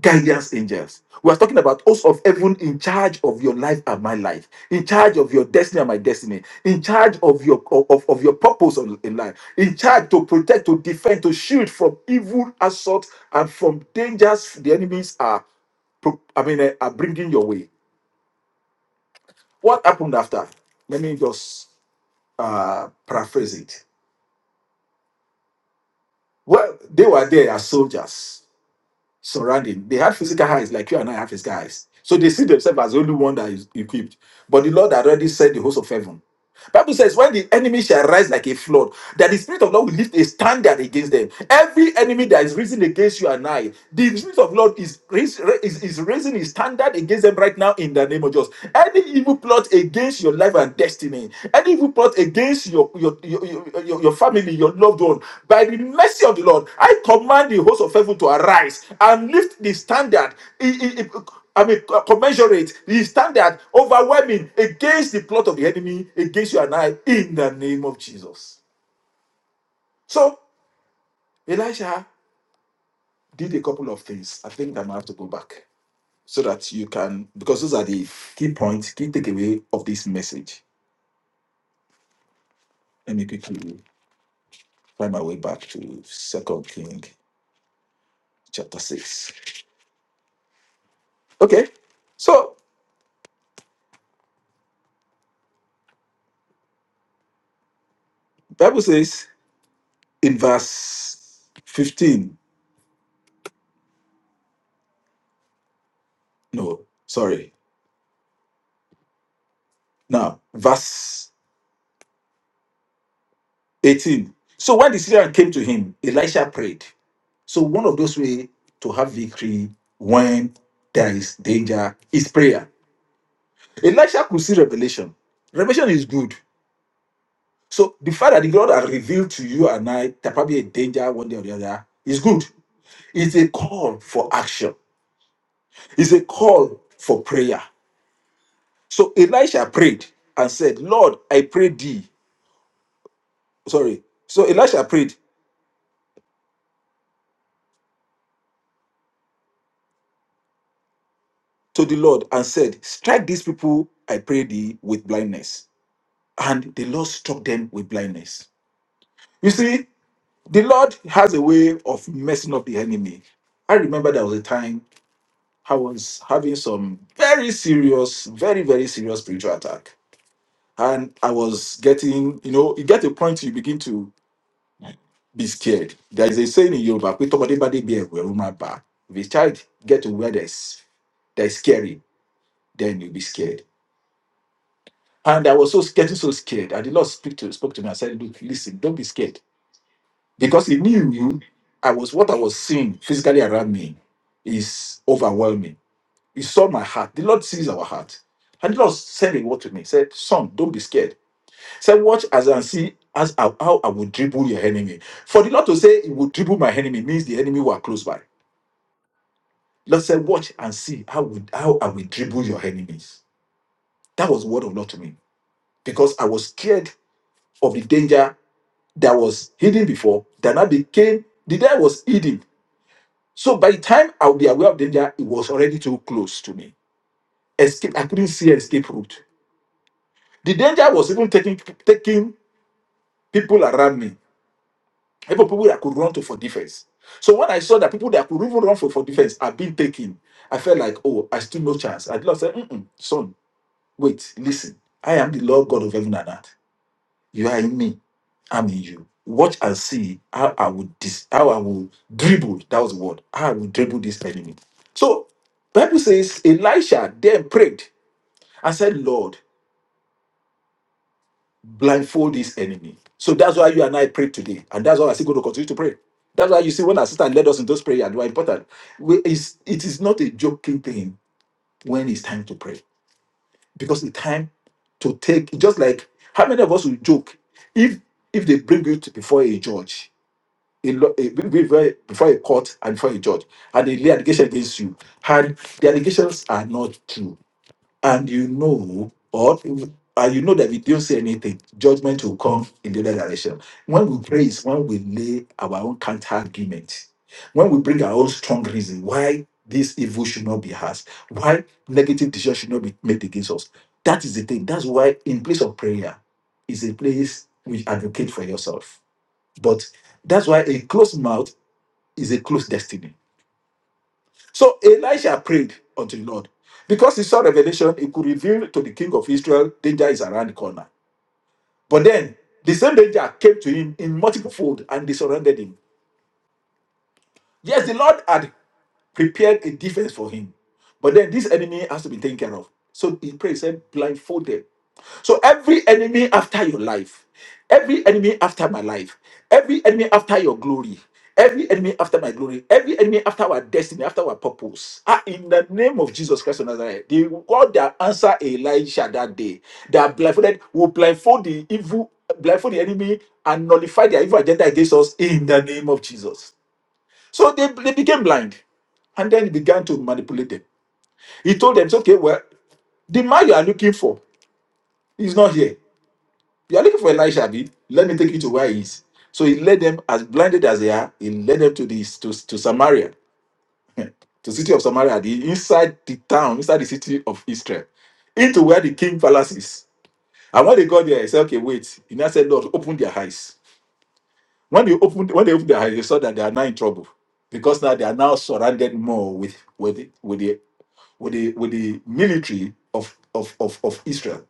Speaker 1: guidance angels. We are talking about hosts of heaven in charge of your life and my life, in charge of your destiny and my destiny, in charge of your of, of your purpose on- in life, in charge to protect, to defend, to shield from evil assault and from dangers the enemies are pro- I mean eh, are bringing your way. What happened after? Let me just uh paraphrase it. Well, they were there as soldiers surrounding. They have physical eyes like you and I have physical eyes. So they see themselves as the only one that is equipped. But the Lord already said the host of heaven. Bible says, when the enemy shall rise like a flood, that the spirit of Lord will lift a standard against them. Every enemy that is risen against you and I, the spirit of Lord is, rais- is, is raising a standard against them right now in the name of Jesus. Any evil plot against your life and destiny, any evil plot against your your, your, your, your your family, your loved one, by the mercy of the Lord, I command the host of heaven to arise and lift the standard. I- I- I- I mean, co- commensurate the standard overwhelming against the plot of the enemy against you and I in the name of Jesus. So Elisha did a couple of things. I think I might have to go back so that you can, because those are the key points, key takeaway of this message. Let me quickly find my way back to Second King chapter six. Okay, so Bible says in verse fifteen. No, sorry. Now verse. 18. So when the Syrian came to him, Elisha prayed. So one of those ways to have victory when there is danger is prayer. Elisha could see revelation. Revelation is good. So the fact that the Lord has revealed to you and I there probably a danger one day or the other is good. It's a call for action. It's a call for prayer. So Elisha prayed and said, Lord, I pray thee. Sorry. So Elisha prayed. to the Lord and said, Strike these people, I pray thee, with blindness. And the Lord struck them with blindness. You see, the Lord has a way of messing up the enemy. I remember there was a time I was having some very serious, very, very serious spiritual attack. And I was getting, you know, you get to a point you begin to be scared. There is a saying in Yoruba, "Pé tọmọdé bá dé bí ẹ̀rù, ẹ̀rù máa bà á." if a child get to where there's, there's scary, then you'll be scared And I was so getting so scared. And the Lord speak to, spoke to me and said, Look, listen, don't be scared. Because he knew I was what I was seeing physically around me is overwhelming. He saw my heart. The Lord sees our heart. And the Lord said a word to me. He said, Son, don't be scared. He said, Watch as and see as I- how I will dribble your enemy. For the Lord to say he will dribble my enemy means the enemy were close by. Lord said, Watch and see how, would, how I will dribble your enemies. That was the word of Lord to me. Because I was scared of the danger that was hidden before that now became the day I was hidden. So by the time I would be aware of danger, it was already too close to me. Escape, I couldn't see an escape route. The danger was even taking taking people around me, even people that could run to for defense. So when I saw that people that could even run for, for defense are being taken, I felt like, oh, I still no chance. I did not say, Mm-mm, son, wait, listen. I am the Lord God of heaven and earth. You are in me. I'm in you. Watch and see how I will dis- how I will dribble. That was the word. How I will dribble this enemy. So Bible says Elisha then prayed and said, Lord, blindfold this enemy. So that's why you and I prayed today. And that's why I still going to continue to pray. That's why you see when our sister led us in those prayers, they were important. We, it's, it is not a joking thing when it's time to pray. Because the time to take, just like how many of us will joke if if they bring you to before a judge a lo- a- be- be before a court and before a judge, and they lay allegation against you, and the allegations are not true, and you know, or and you know that if you don't say anything, judgment will come in the other direction. When we pray, is when we lay our own counter argument, when we bring our own strong reason why this evil should not be ours, why negative decision should not be made against us. That is the thing. That's why in place of prayer is a place we advocate for yourself but that's why a closed mouth is a closed destiny. So Elisha prayed unto the Lord. Because he saw revelation, he could reveal to the king of Israel danger is around the corner. But then the same danger came to him in multiple fold and they surrounded him. Yes, the Lord had prepared a defense for him. But then this enemy has to be taken care of. So he prays, said, blindfolded. So every enemy after your life, every enemy after my life, every enemy after your glory, every enemy after my glory, every enemy after our destiny, after our purpose, ah, in the name of Jesus Christ of Nazareth, the God that answered Elijah that day, that blindfolded will blindfold the evil, blindfold the enemy and nullify their evil agenda against us in the name of Jesus. So they, they became blind and then he began to manipulate them. He told them, okay, well, the man you are looking for is not here. You are looking for Elisha, Abi. Let me take you to where he is. So he led them as blinded as they are, he led them to this to, to Samaria, to city of Samaria, the inside the town, inside the city of Israel, into where the king palace is. And when they got there, he said, Okay, wait. He now said, Lord, open their eyes When they opened, when they opened their eyes, they saw that they are now in trouble because now they are now surrounded more with with the, with the with the with the military of of of, of Israel.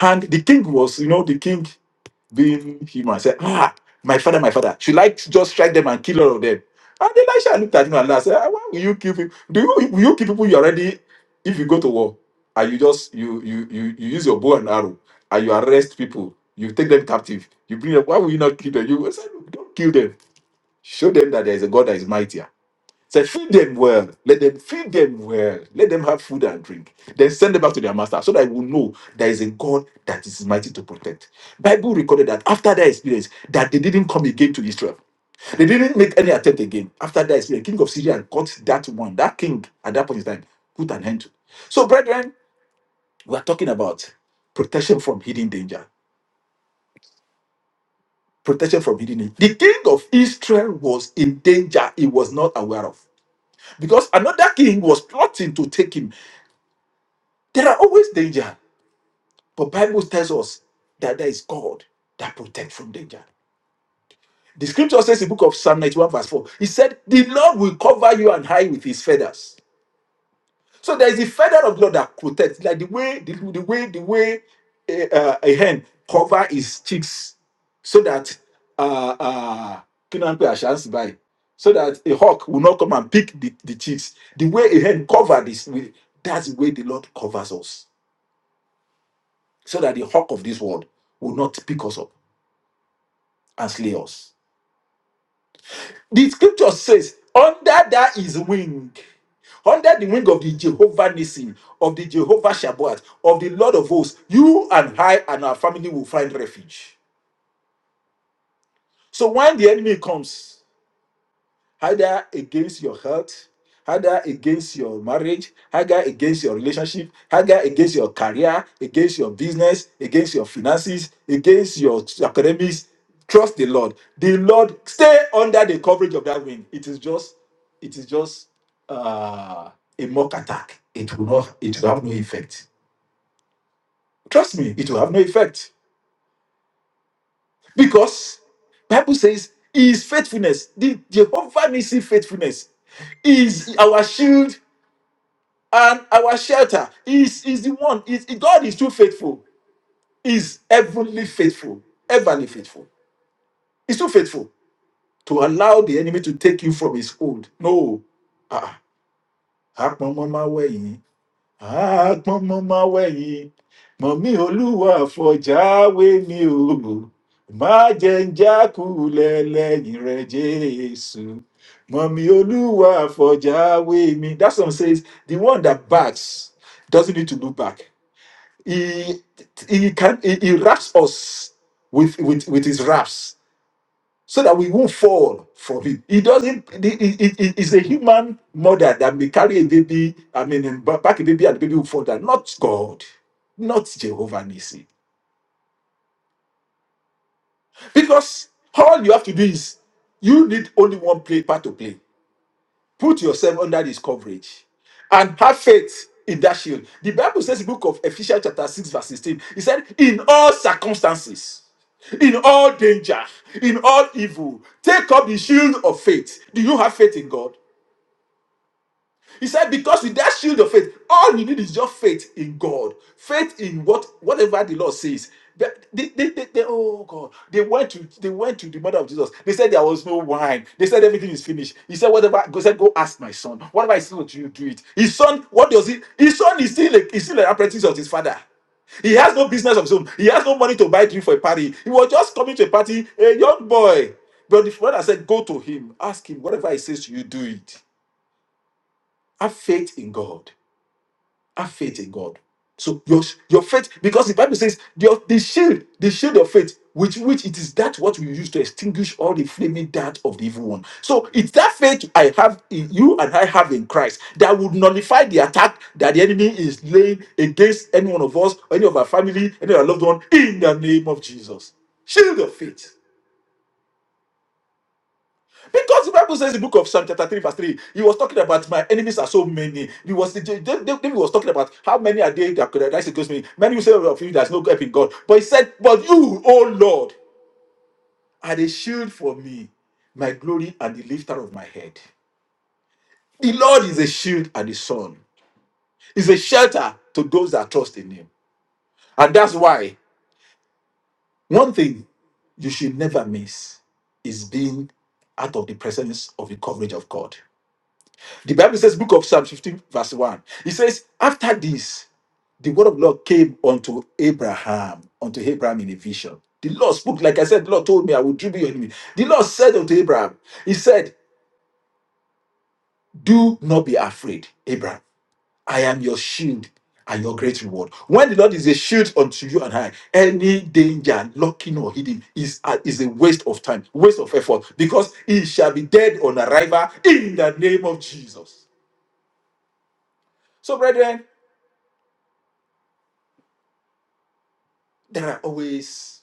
Speaker 1: And the king was, you know, the king being human said, Ah, my father, my father, should I just strike them and kill all of them? And Elisha looked at him and laughed, said, "Ah, Why will you kill people? Do you will you kill people you already if you go to war and you just you you you, you use your bow and arrow and you arrest people, you take them captive, you bring them, why will you not kill them? You I said, Don't kill them. Show them that there is a God that is mightier Say feed them well. Let them feed them well. Let them have food and drink. Then send them back to their master so that we will know there is a God that is mighty to protect. Bible recorded that after that experience, that they didn't come again to Israel. They didn't make any attempt again. After that experience, the king of Syria got that one. That king at that point in time put an end to. So, brethren, we are talking about protection from hidden danger. Protection from hidden danger. The king of Israel was in danger he was not aware of. Because another king was plotting to take him There are always danger, but Bible tells us that there is God that protects from danger. The scripture says in the book of Psalm 91, verse 4, he said, The Lord will cover you and hide with his feathers. So there is a feather of God that protects, like the way the, the way the way a, uh, a hen cover his chicks, so that uh uh kí ló ń pè àṣà ń sì báyìí? so that a hawk will not come and pick the, the cheeks. The way a hen covered this, that's the way the Lord covers us. so that the hawk of this world will not pick us up and slay us. The scripture says, under that is wing, under the wing of the Jehovah Nissi, of the Jehovah Shabbat, of the Lord of hosts, you and I and our family will find refuge. So when the enemy comes, either against your health, either against your marriage, either against your relationship, either against your career, against your business, against your finances, against your academics. Trust the Lord. The Lord stay under the coverage of that wing. It is just, it is just uh, a mock attack. It will not, it will have no effect. Trust me, it will have no effect. Because Bible says his faithfulness, the Jehovah Nissi faithfulness is our shield and our shelter is is the one is god is too faithful is heavenly faithful heavenly faithful he's too faithful to allow the enemy to take you from his hold no ah Akpon mama wẹ̀yìn apọnmọmọ wẹ̀yìn mọ̀mí olúwa fọ̀jáwé mi o má jẹ́ ń jákulẹ̀ lẹ́yìn rẹ̀ jésù mọ̀mí olúwa fọ̀jáwé mi that song says the one that backs doesn't need to look back he he can he, he wraps us with, with with his wraps so that we won't fall from him he doesn't it is a human mother that may carry a baby i mean and ba- pack a baby and the baby will fall down not god not jehovah Nissi, because all you have to do is you need only one play part to play Put yourself under this coverage and have faith in that shield. The Bible says, in the book of Ephesians, chapter 6, verse 16, it said, In all circumstances, in all danger, in all evil, take up the shield of faith. Do you have faith in God? He said, because with that shield of faith, all you need is just faith in God, faith in what whatever the Lord says. They, they, they, they- they- oh God, they went to they went to the mother of Jesus. They said there was no wine. They said everything is finished. He said, whatever. Go said, go ask my son. Whatever I say to you, do it. His son, what does he? His son is still a, he's still an apprentice of his father. He has no business of his own. He has no money to buy drink for a party. He was just coming to a party, a young boy. But the father said, go to him, ask him whatever he says to you, do it. Have faith in God. Have faith in God. So your your faith, because the Bible says your the shield, the shield of faith, with which it is that what we use to extinguish all the flaming dart of the evil one. So it's that faith I have in you and I have in Christ that would nullify the attack that the enemy is laying against any one of us, any of our family, any of our loved one, in the name of Jesus. Shield of faith. Because the Bible says in the book of Psalm chapter 3, verse 3, he was talking about my enemies are so many. He was David David was talking about how many are they that could rise against me. Many will say of you there's no help in God. But he said, But you, O Lord, are the shield for me, my glory and the lifter of my head. The Lord is a shield and a sun. Is a shelter to those that trust in him. And that's why one thing you should never miss is being out of the presence of the coverage of God. The Bible says, Book of Psalm 15, verse 1. It says, After this, the word of Lord came unto Abraham, unto Abraham in a vision. The Lord spoke, like I said, the Lord told me, I will dribble your enemy. The Lord said unto Abraham, He said, Do not be afraid, Abraham. I am your shield and your great reward. When the Lord is a shield unto you and I, any danger, lurking or hidden, is a, is a waste of time, waste of effort, because he shall be dead on arrival in the name of Jesus. So, brethren, there are always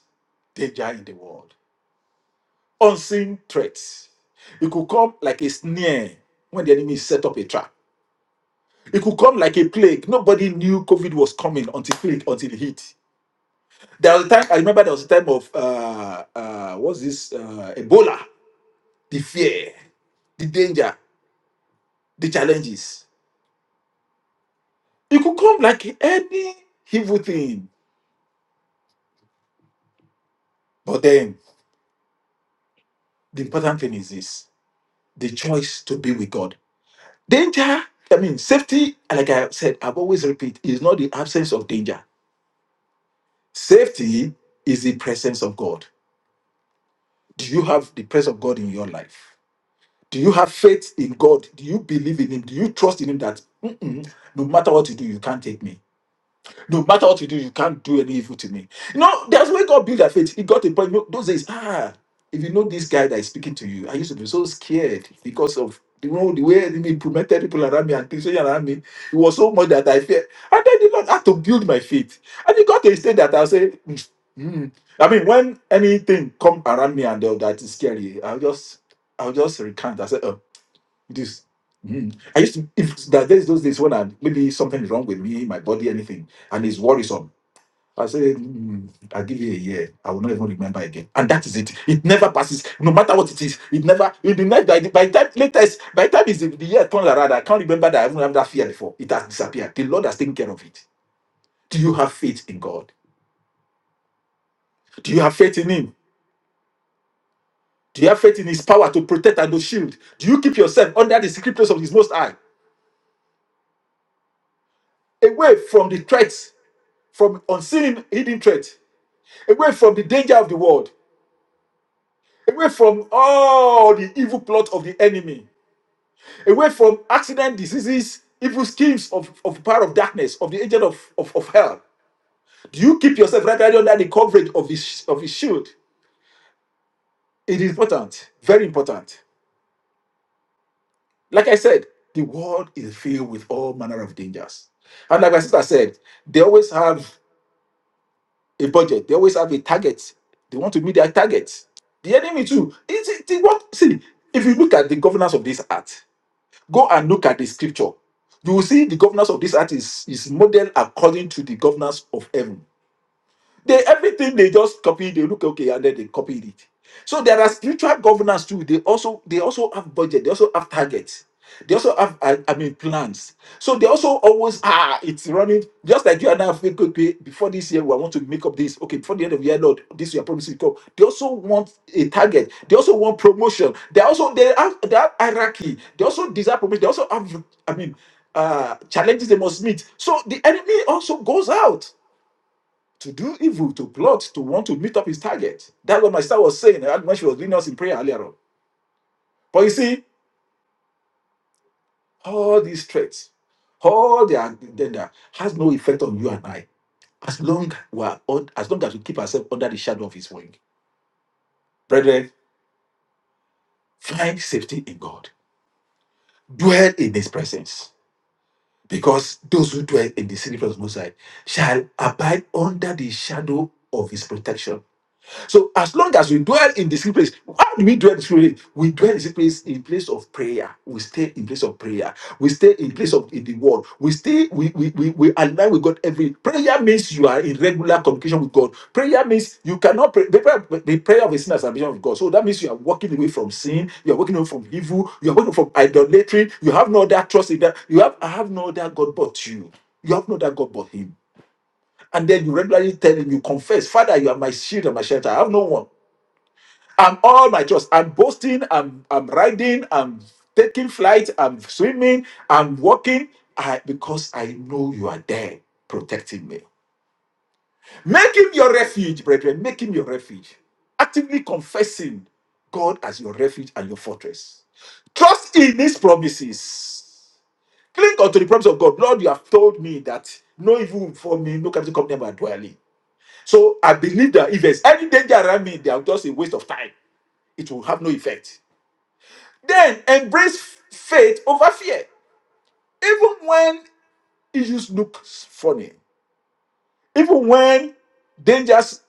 Speaker 1: danger in the world, unseen threats. It could come like a snare when the enemy set up a trap. It could come like a plague. Nobody knew COVID was coming until plague, until it hit. There was a time I remember there was a time of uh, uh, what's this uh, Ebola, the fear, the danger, the challenges. It could come like any evil thing. But then the important thing is this: the choice to be with God Danger, I mean, safety, like I said, I've always repeat, is not the absence of danger. Safety is the presence of God. Do you have the presence of God in your life? Do you have faith in God? Do you believe in Him? Do you trust in Him that "Mm-mm, no matter what you do, you can't take me? No matter what you do, you can't do any evil to me. You know, that's where God built that faith. He got a point. You know, those days, ah, if you know this guy that is speaking to you, I used to be so scared because of you know the way he implemented people around me and things around me. It was so much that I feared. And then the Lord had to build my faith. And it got to a state that I say, mm, mm. I mean, when anything come around me and all that is scary, I'll just I'll just recant. I say, oh. This mm, I used to if that there's those days when I maybe something is wrong with me, my body, anything, and it's worrisome. I say, mm, I'll give you a year. I will not even remember again. And that is it. It never passes. No matter what it is, it never, it will never, by the, by the time latest, by the time is the, the year turns around, I can't remember that I even have that fear before. It has disappeared. The Lord has taken care of it. Do you have faith in God? Do you have faith in Him? Do you have faith in His power to protect and to shield? Do you keep yourself under the secret place of His Most High, away from the threats from unseen hidden threat, away from the danger of the world, away from all the evil plot of the enemy, away from accident, diseases, evil schemes of, of power of darkness, of the agent of, of, of hell. Do you keep yourself right there under the coverage of his of his shield? It is important, very important. Like I said, the world is filled with all manner of dangers. And like my sister said, they always have a budget. They always have a target. They want to meet their target. The enemy too. It's, it's it's what see if you look at the governance of this art, go and look at the scripture. You will see the governance of this art is, is modeled according to the governance of heaven they everything they just copy, they look okay, and then they copied it. So there are spiritual governance too. They also they also have budget, they also have targets, they also have I, I mean plans. So they also always ah it's running just like you and I have think, okay, before this year, we want to make up this. Okay, before the end of the year, Lord, this we are promising to come. They also want a target, they also want promotion, they also they have they have hierarchy, they also desire promotion, they also have I mean uh challenges they must meet. So the enemy also goes out to do evil, to plot, to want to meet up his target. That's what my sister was saying uh, when she was leading us in prayer earlier on. But you see, all these threats, all their agenda has no effect on you and I as long we are un- as long as we keep ourselves under the shadow of his wing. Brethren, find safety in God. Dwell in his presence. Because those who dwell in the secret place of the Most High shall abide under the shadow of his protection. So as long as we dwell in the secret place, how do we dwell in the secret place? We dwell in the secret place in place of prayer. We stay in place of prayer. We stay in place of in the word. We stay, we we, we, we align with God every prayer means you are in regular communication with God. Prayer means you cannot pray. The prayer, the prayer of a sinner is an ambition of God. So that means you are walking away from sin, you are walking away from evil, you are walking from idolatry, you have no other trust in that, you have I have no other God but you. You have no other God but him. And then you regularly tell him, you confess, Father, you are my shield and my shelter. I have no one. I'm all my trust. I'm boasting. I'm I'm riding. I'm taking flight. I'm swimming. I'm walking. I because I know you are there protecting me. Make him your refuge, brethren. Make him your refuge. Actively confessing God as your refuge and your fortress. Trust in his promises. Cling unto the promise of God. Lord, you have told me that no evil will before me, no calamity come near my dwelling. So I believe that if there's any danger around me, they are just a waste of time. It will have no effect. Then embrace f- faith over fear. Even when issues look funny, even when dangers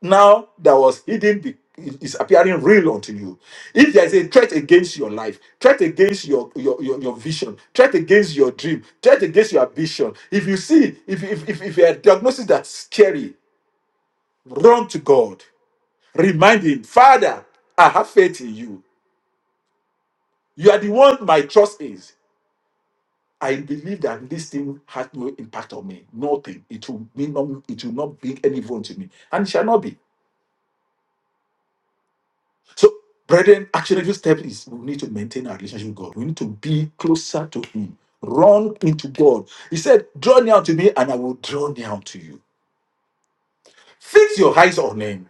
Speaker 1: now that was hidden be- is appearing real unto you. If there is a threat against your life, threat against your your, your, your vision, threat against your dream, threat against your ambition, if you see if if if, if a diagnosis that's scary, run to God. Remind him, Father, I have faith in you. You are the one my trust is. I believe that this thing had no impact on me. Nothing. It will be no, it will not bring any evil to me. And it shall not be. So, brethren, actionable step is we need to maintain our relationship with God. We need to be closer to Him. Run into God. He said, Draw near to me, and I will draw near to you. Fix your eyes on Him.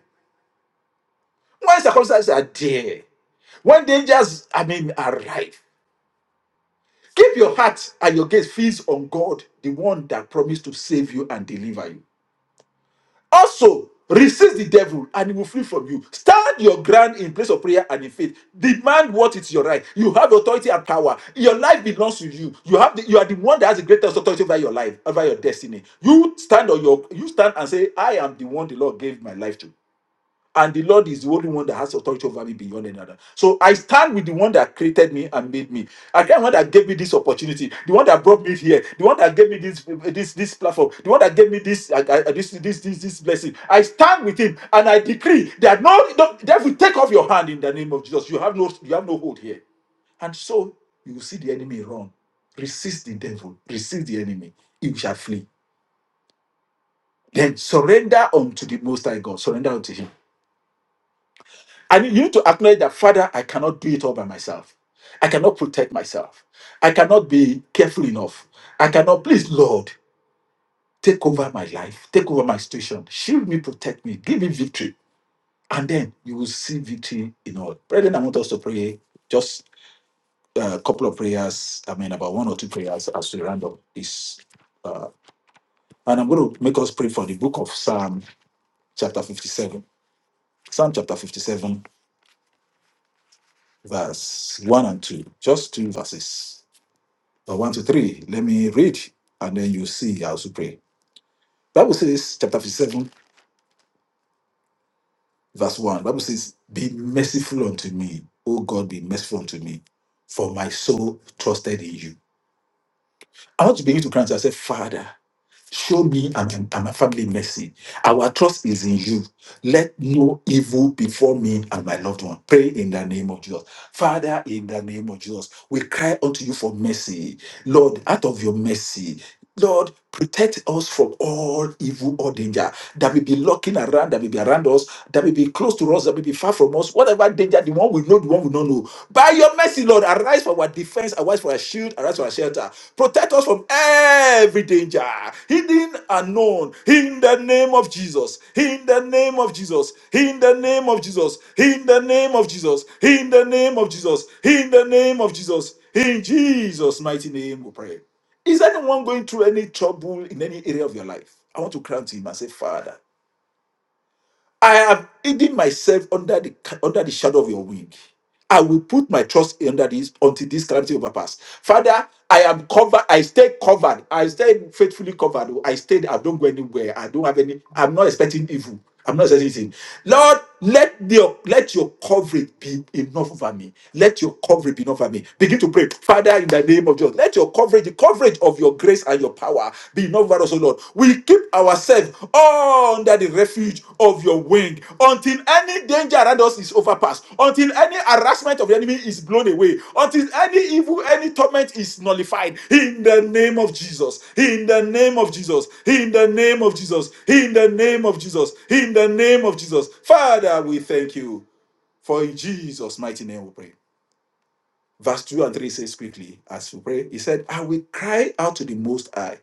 Speaker 1: When circumstances are there, when dangers, I mean, arrive, keep your heart and your gaze fixed on God, the one that promised to save you and deliver you. Also, resist the devil and he will flee from you. Stand your ground in place of prayer and in faith. Demand what is your right. You have authority and power. Your life belongs to you. You have the, you are the one that has the greatest authority over your life, over your destiny. You stand on your you stand and say, I am the one the Lord gave my life to and the Lord is the only one that has authority over me beyond any other. So I stand with the one that created me and made me. Again, the one that gave me this opportunity, the one that brought me here, the one that gave me this this this platform, the one that gave me this uh, uh, this this this this blessing. I stand with him and I decree that no, no devil take off your hand in the name of Jesus. You have no you have no hold here. And so you will see the enemy run. Resist the devil, resist the enemy, he shall flee. Then surrender unto the most high God, surrender unto him I mean, you need to acknowledge that, Father, I cannot do it all by myself. I cannot protect myself. I cannot be careful enough. I cannot, please, Lord, take over my life, take over my situation, shield me, protect me, give me victory. And then you will see victory in all. Brethren, I want us to pray just a couple of prayers. I mean, about one or two prayers as we round up this. Uh, and I'm going to make us pray for the book of Psalm, chapter 57. Psalm chapter 57, verse 1 and 2. Just two verses or one to three. Let me read, and then you see how to pray. Bible says, chapter 57, verse 1. Bible says, Be merciful unto me, O God, be merciful unto me, for my soul trusted in you. I want to begin to cry and say, Father, show me and, and my family mercy. Our trust is in you. Let no evil befall me and my loved one. Pray in the name of Jesus. Father, in the name of Jesus, we cry unto you for mercy. Lord, out of your mercy, Lord, protect us from all evil or danger that will be looking around, that will be around us, that will be close to us, that will be far from us, whatever danger, the one we know, the one we don't know. By your mercy, Lord, arise for our defense, arise for our shield, arise for our shelter. Protect us from every danger, hidden and known, in the name of Jesus, in the name of Jesus, in the name of Jesus, in the name of Jesus, in the name of Jesus, in the name of Jesus. In Jesus' mighty name, we pray. Is anyone going through any trouble in any area of your life? I want to cry to him and say, Father, I have hidden myself under the under the shadow of your wing. I will put my trust under this until this calamity overpass. Father, I am covered. I stay covered. I stay faithfully covered. I stay. I don't go anywhere. I don't have any. I'm not expecting evil. I'm not expecting anything. Lord, let your let your coverage be enough over me. Let your coverage be enough over me. Begin to pray, Father, in the name of Jesus. Let your coverage, the coverage of your grace and your power, be not over us, O Lord. We keep ourselves all under the refuge of your wing until any danger around us is overpassed, until any harassment of the enemy is blown away, until any evil, any torment is nullified. In the name of Jesus. In the name of Jesus. In the name of Jesus. In the name of Jesus. In the name of Jesus. Father, we thank you. For in Jesus' mighty name we pray verse 2 and 3 says quickly as we pray he said i will cry out to the most high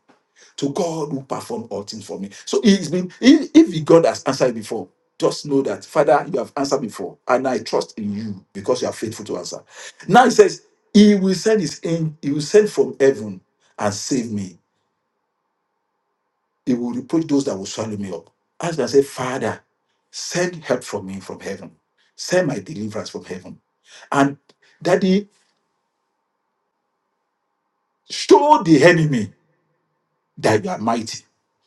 Speaker 1: to God who performed all things for me. So it's been if, if God has answered before, just know that Father, you have answered before, and I trust in you because you are faithful to answer. Now it says, He will send his angel, he will send from heaven and save me. He will reproach those that will swallow me up. As I say, Father, send help from me from heaven. Send my deliverance from heaven. And Daddy, show the enemy that you are mighty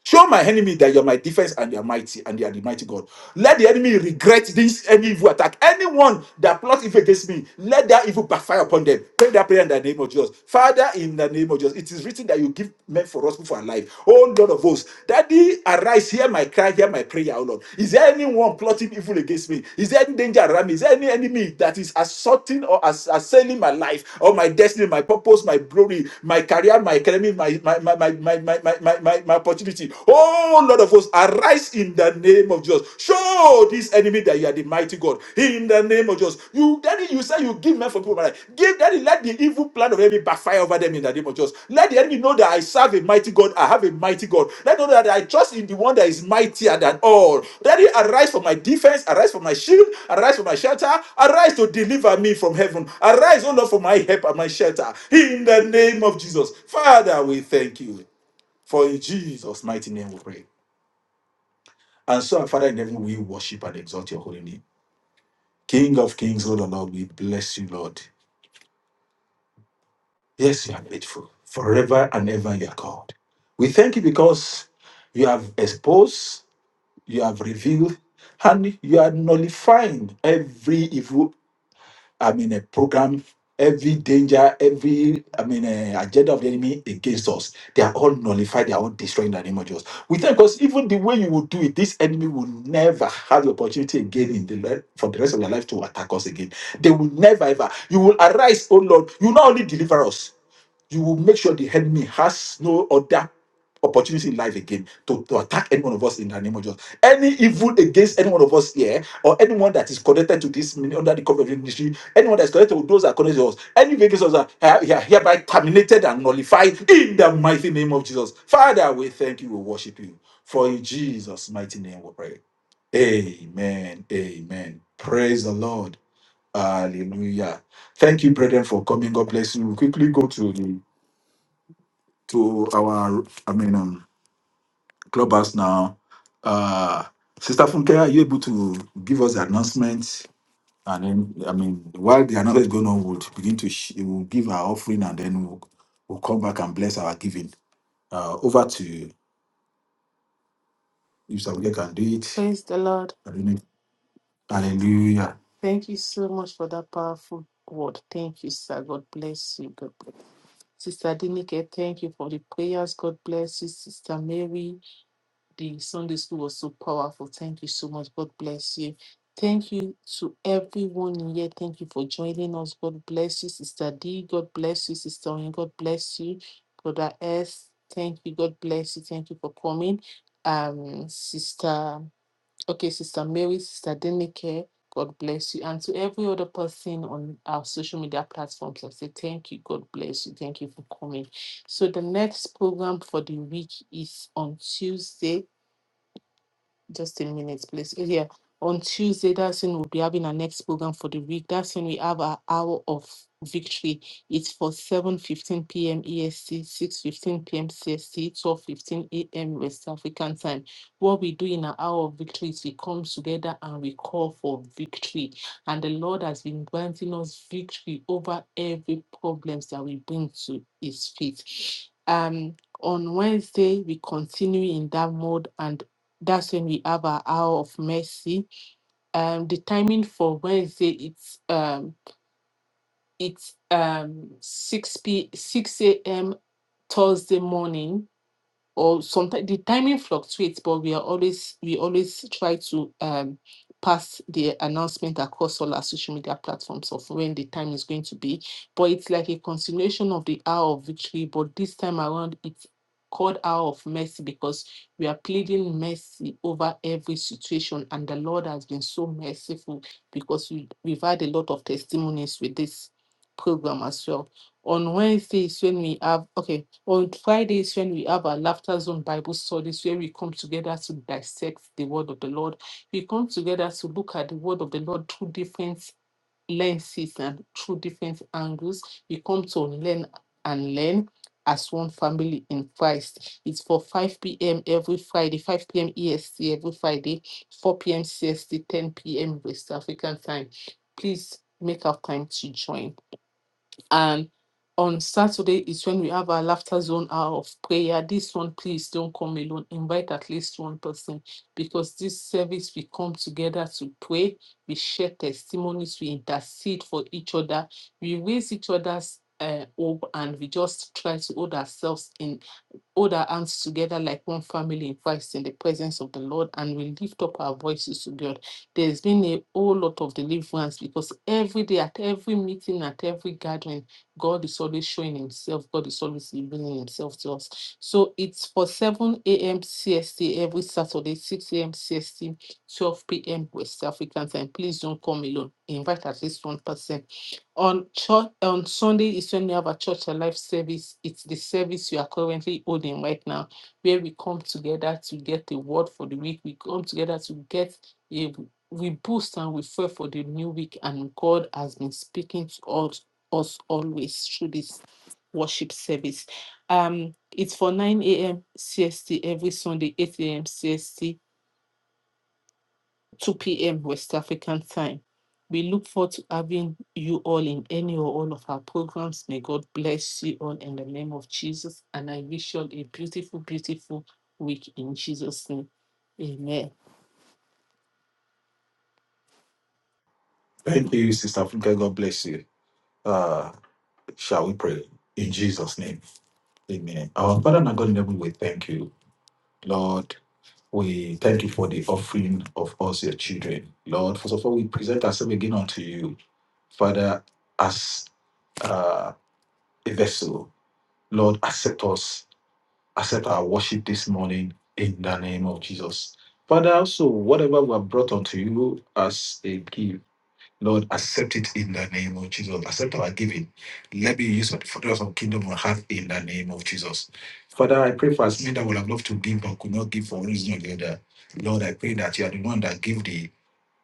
Speaker 1: Show my enemy that you're my defense and you're mighty and you are the mighty God. Let the enemy regret this any evil attack. Anyone that plots evil against me, let that evil backfire upon them. Pray that prayer in the name of Jesus. Father, in the name of Jesus, it is written that you give men for us for our life. Oh Lord of hosts, Daddy, arise, hear my cry, hear my prayer, oh Lord. Is there anyone plotting evil against me? Is there any danger around me? Is there any enemy that is assaulting or ass- assailing my life or my destiny, my purpose, my glory, my career, my academy, my my my my my my my, my, my, my, my opportunity. Oh, Lord of hosts, arise in the name of Jesus. Show this enemy that you are the mighty God. In the name of Jesus. You, daddy, you say you give men for people. right? Give daddy, let the evil plan of enemy backfire over them in the name of Jesus. Let the enemy know that I serve a mighty God. I have a mighty God. Let them know that I trust in the one that is mightier than all. Daddy, arise for my defense. Arise for my shield. Arise for my shelter. Arise to deliver me from heaven. Arise, O Lord, for my help and my shelter. In the name of Jesus. Father, we thank you. For in Jesus' mighty name we pray. And so, our Father in heaven, we worship and exalt your holy name. King of kings, Lord of Lord, we bless you, Lord. Yes, you are faithful. Forever and ever you are God. We thank you because you have exposed, you have revealed, and you are nullifying every evil I mean, a program, every danger, every, I mean, uh, agenda of the enemy against us. They are all nullified, they are all destroyed in the name of Jesus. We thank because even the way you will do it, this enemy will never have the opportunity again in the le- for the rest of their life to attack us again. They will never ever. You will arise, oh Lord. You not only deliver us you will make sure the enemy has no other opportunity in life again to, to attack any one of us in the name of Jesus. Any evil against any one of us here, or anyone that is connected to this mini- under the cover of the ministry, anyone that is connected to those that are connected to us, any against us are are- are hereby terminated and nullified in the mighty name of Jesus. Father, we thank you, we worship you. For in Jesus' mighty name we pray. Amen. Amen. Praise the Lord. Hallelujah. Thank you, brethren, for coming. God bless you. We'll quickly go to the to our I mean um, clubhouse now. Uh, Sister Funke, are you able to give us the announcement? And then I mean, while the announcement is going on, we'll begin to sh- we'll give our offering, and then we'll, we'll come back and bless our giving. Uh, over to you, if Sister Funke can do it.
Speaker 2: Praise the Lord.
Speaker 1: Hallelujah. Hallelujah.
Speaker 2: Thank you so much for that powerful word. Thank you, sir. God bless you. God bless. Sister Dinike, thank you for the prayers. God bless you. Sister Mary, the Sunday school was so powerful. Thank you so much. God bless you. Thank you to everyone in here. Thank you for joining us. God bless you, Sister D. God bless you, Sister Oyin. God bless you, Brother S. Thank you. God bless you. Thank you for coming. Um, Sister Okay, Sister Mary, Sister Denike, God bless you. And to every other person on our social media platforms, I say thank you, God bless you, thank you for coming. So the next program for the week is on Tuesday. Just a minute, please. Yeah. On Tuesday, that's when we'll be having our next program for the week. That's when we have our hour of victory. It's for 7.15 p.m. EST, 6.15 p.m. CST, 12.15 a.m. West African time. What we do in our hour of victory is we come together and we call for victory. And the Lord has been granting us victory over every problems that we bring to his feet. Um, on Wednesday, we continue in that mode and that's when we have our hour of mercy. Um, the timing for Wednesday it's um it's um six p six a.m. Thursday morning or sometimes the timing fluctuates, but we are always we always try to um pass the announcement across all our social media platforms of when the time is going to be. But it's like a continuation of the hour of victory, but this time around it's called hour of mercy because we are pleading mercy over every situation and the Lord has been so merciful because we, we've had a lot of testimonies with this program as well. On Wednesdays when we have okay on Fridays, when we have our Laughter Zone Bible studies, where we come together to dissect the word of the Lord, we come together to look at the word of the Lord through different lenses and through different angles. We come to learn and learn as one family in Christ. It's for 5 p.m. every Friday, 5 p.m. EST every Friday, 4 p.m. CST, 10 p.m. West African time. Please make up time to join. And on Saturday is when we have our laughter zone hour of prayer. This one, please don't come alone. Invite at least one person because this service we come together to pray, we share testimonies, we intercede for each other, we raise each other's uh, hope, and we just try to hold ourselves in hold our hands together like one family in Christ in the presence of the Lord and we lift up our voices to God. There's been a whole lot of deliverance because every day, at every meeting, at every gathering, God is always showing Himself, God is always revealing Himself to us. So it's for 7 a.m. CST every Saturday, 6 a.m. CST, 12 p.m. West African time. Please don't come alone. Invite at least one person on church on Sunday is when we have a church and life service. It's the service you are currently holding right now, where we come together to get a word for the week. We come together to get a we boost and we pray for the new week, and God has been speaking to us, us always through this worship service. Um, it's for 9 a.m. CST every Sunday, 8 a.m. CST 2 p.m. West African time. We look forward to having you all in any or all of our programs. May God bless you all in the name of Jesus. And I wish you all a beautiful, beautiful week in Jesus' name. Amen.
Speaker 1: Thank you, Sister Funke. God bless you. Uh, shall we pray in Jesus' name? Amen. Our Father and our God in heaven, we thank you. Lord, we thank you for the offering of us, your children. Lord, first of all, we present ourselves again unto you, Father, as uh, a vessel. Lord, accept us, accept our worship this morning in the name of Jesus. Father, also, whatever we have brought unto you as a gift. Lord, accept it in the name of Jesus. Accept our giving. Let me use it for the of kingdom on earth in the name of Jesus. Father, I pray for as many that would have loved to give but could not give for one reason or the other. Lord, I pray that you are the one that give the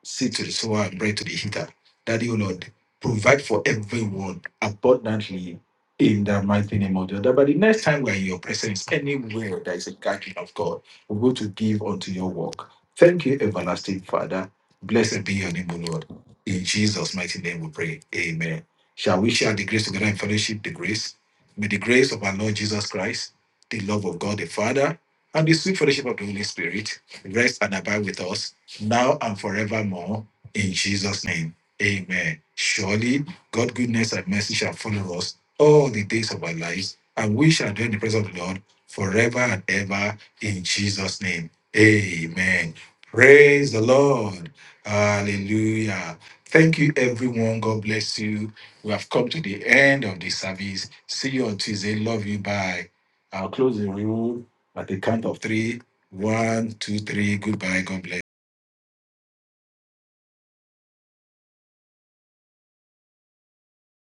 Speaker 1: Say to the sower and bread to the eater. Daddy, O Lord, provide for everyone abundantly in the mighty name of the Lord. But the next time we're in your presence, anywhere there is a gathering of God, we go to give unto your work. Thank you, everlasting Father. Blessed be your name, O Lord. In Jesus' mighty name we pray. Amen. Shall we share the grace together in fellowship? The grace. May the grace of our Lord Jesus Christ, the love of God the Father, and the sweet fellowship of the Holy Spirit rest and abide with us now and forevermore. In Jesus' name, amen. Surely God' goodness and mercy shall follow us all the days of our lives, and we shall dwell in the presence of the Lord forever and ever. In Jesus' name, amen. Praise the Lord. Hallelujah. Thank you, everyone. God bless you. We have come to the end of the service. See you on Tuesday. Love you. Bye. I'll close the room at the count of three. One, two, three. Goodbye. God bless.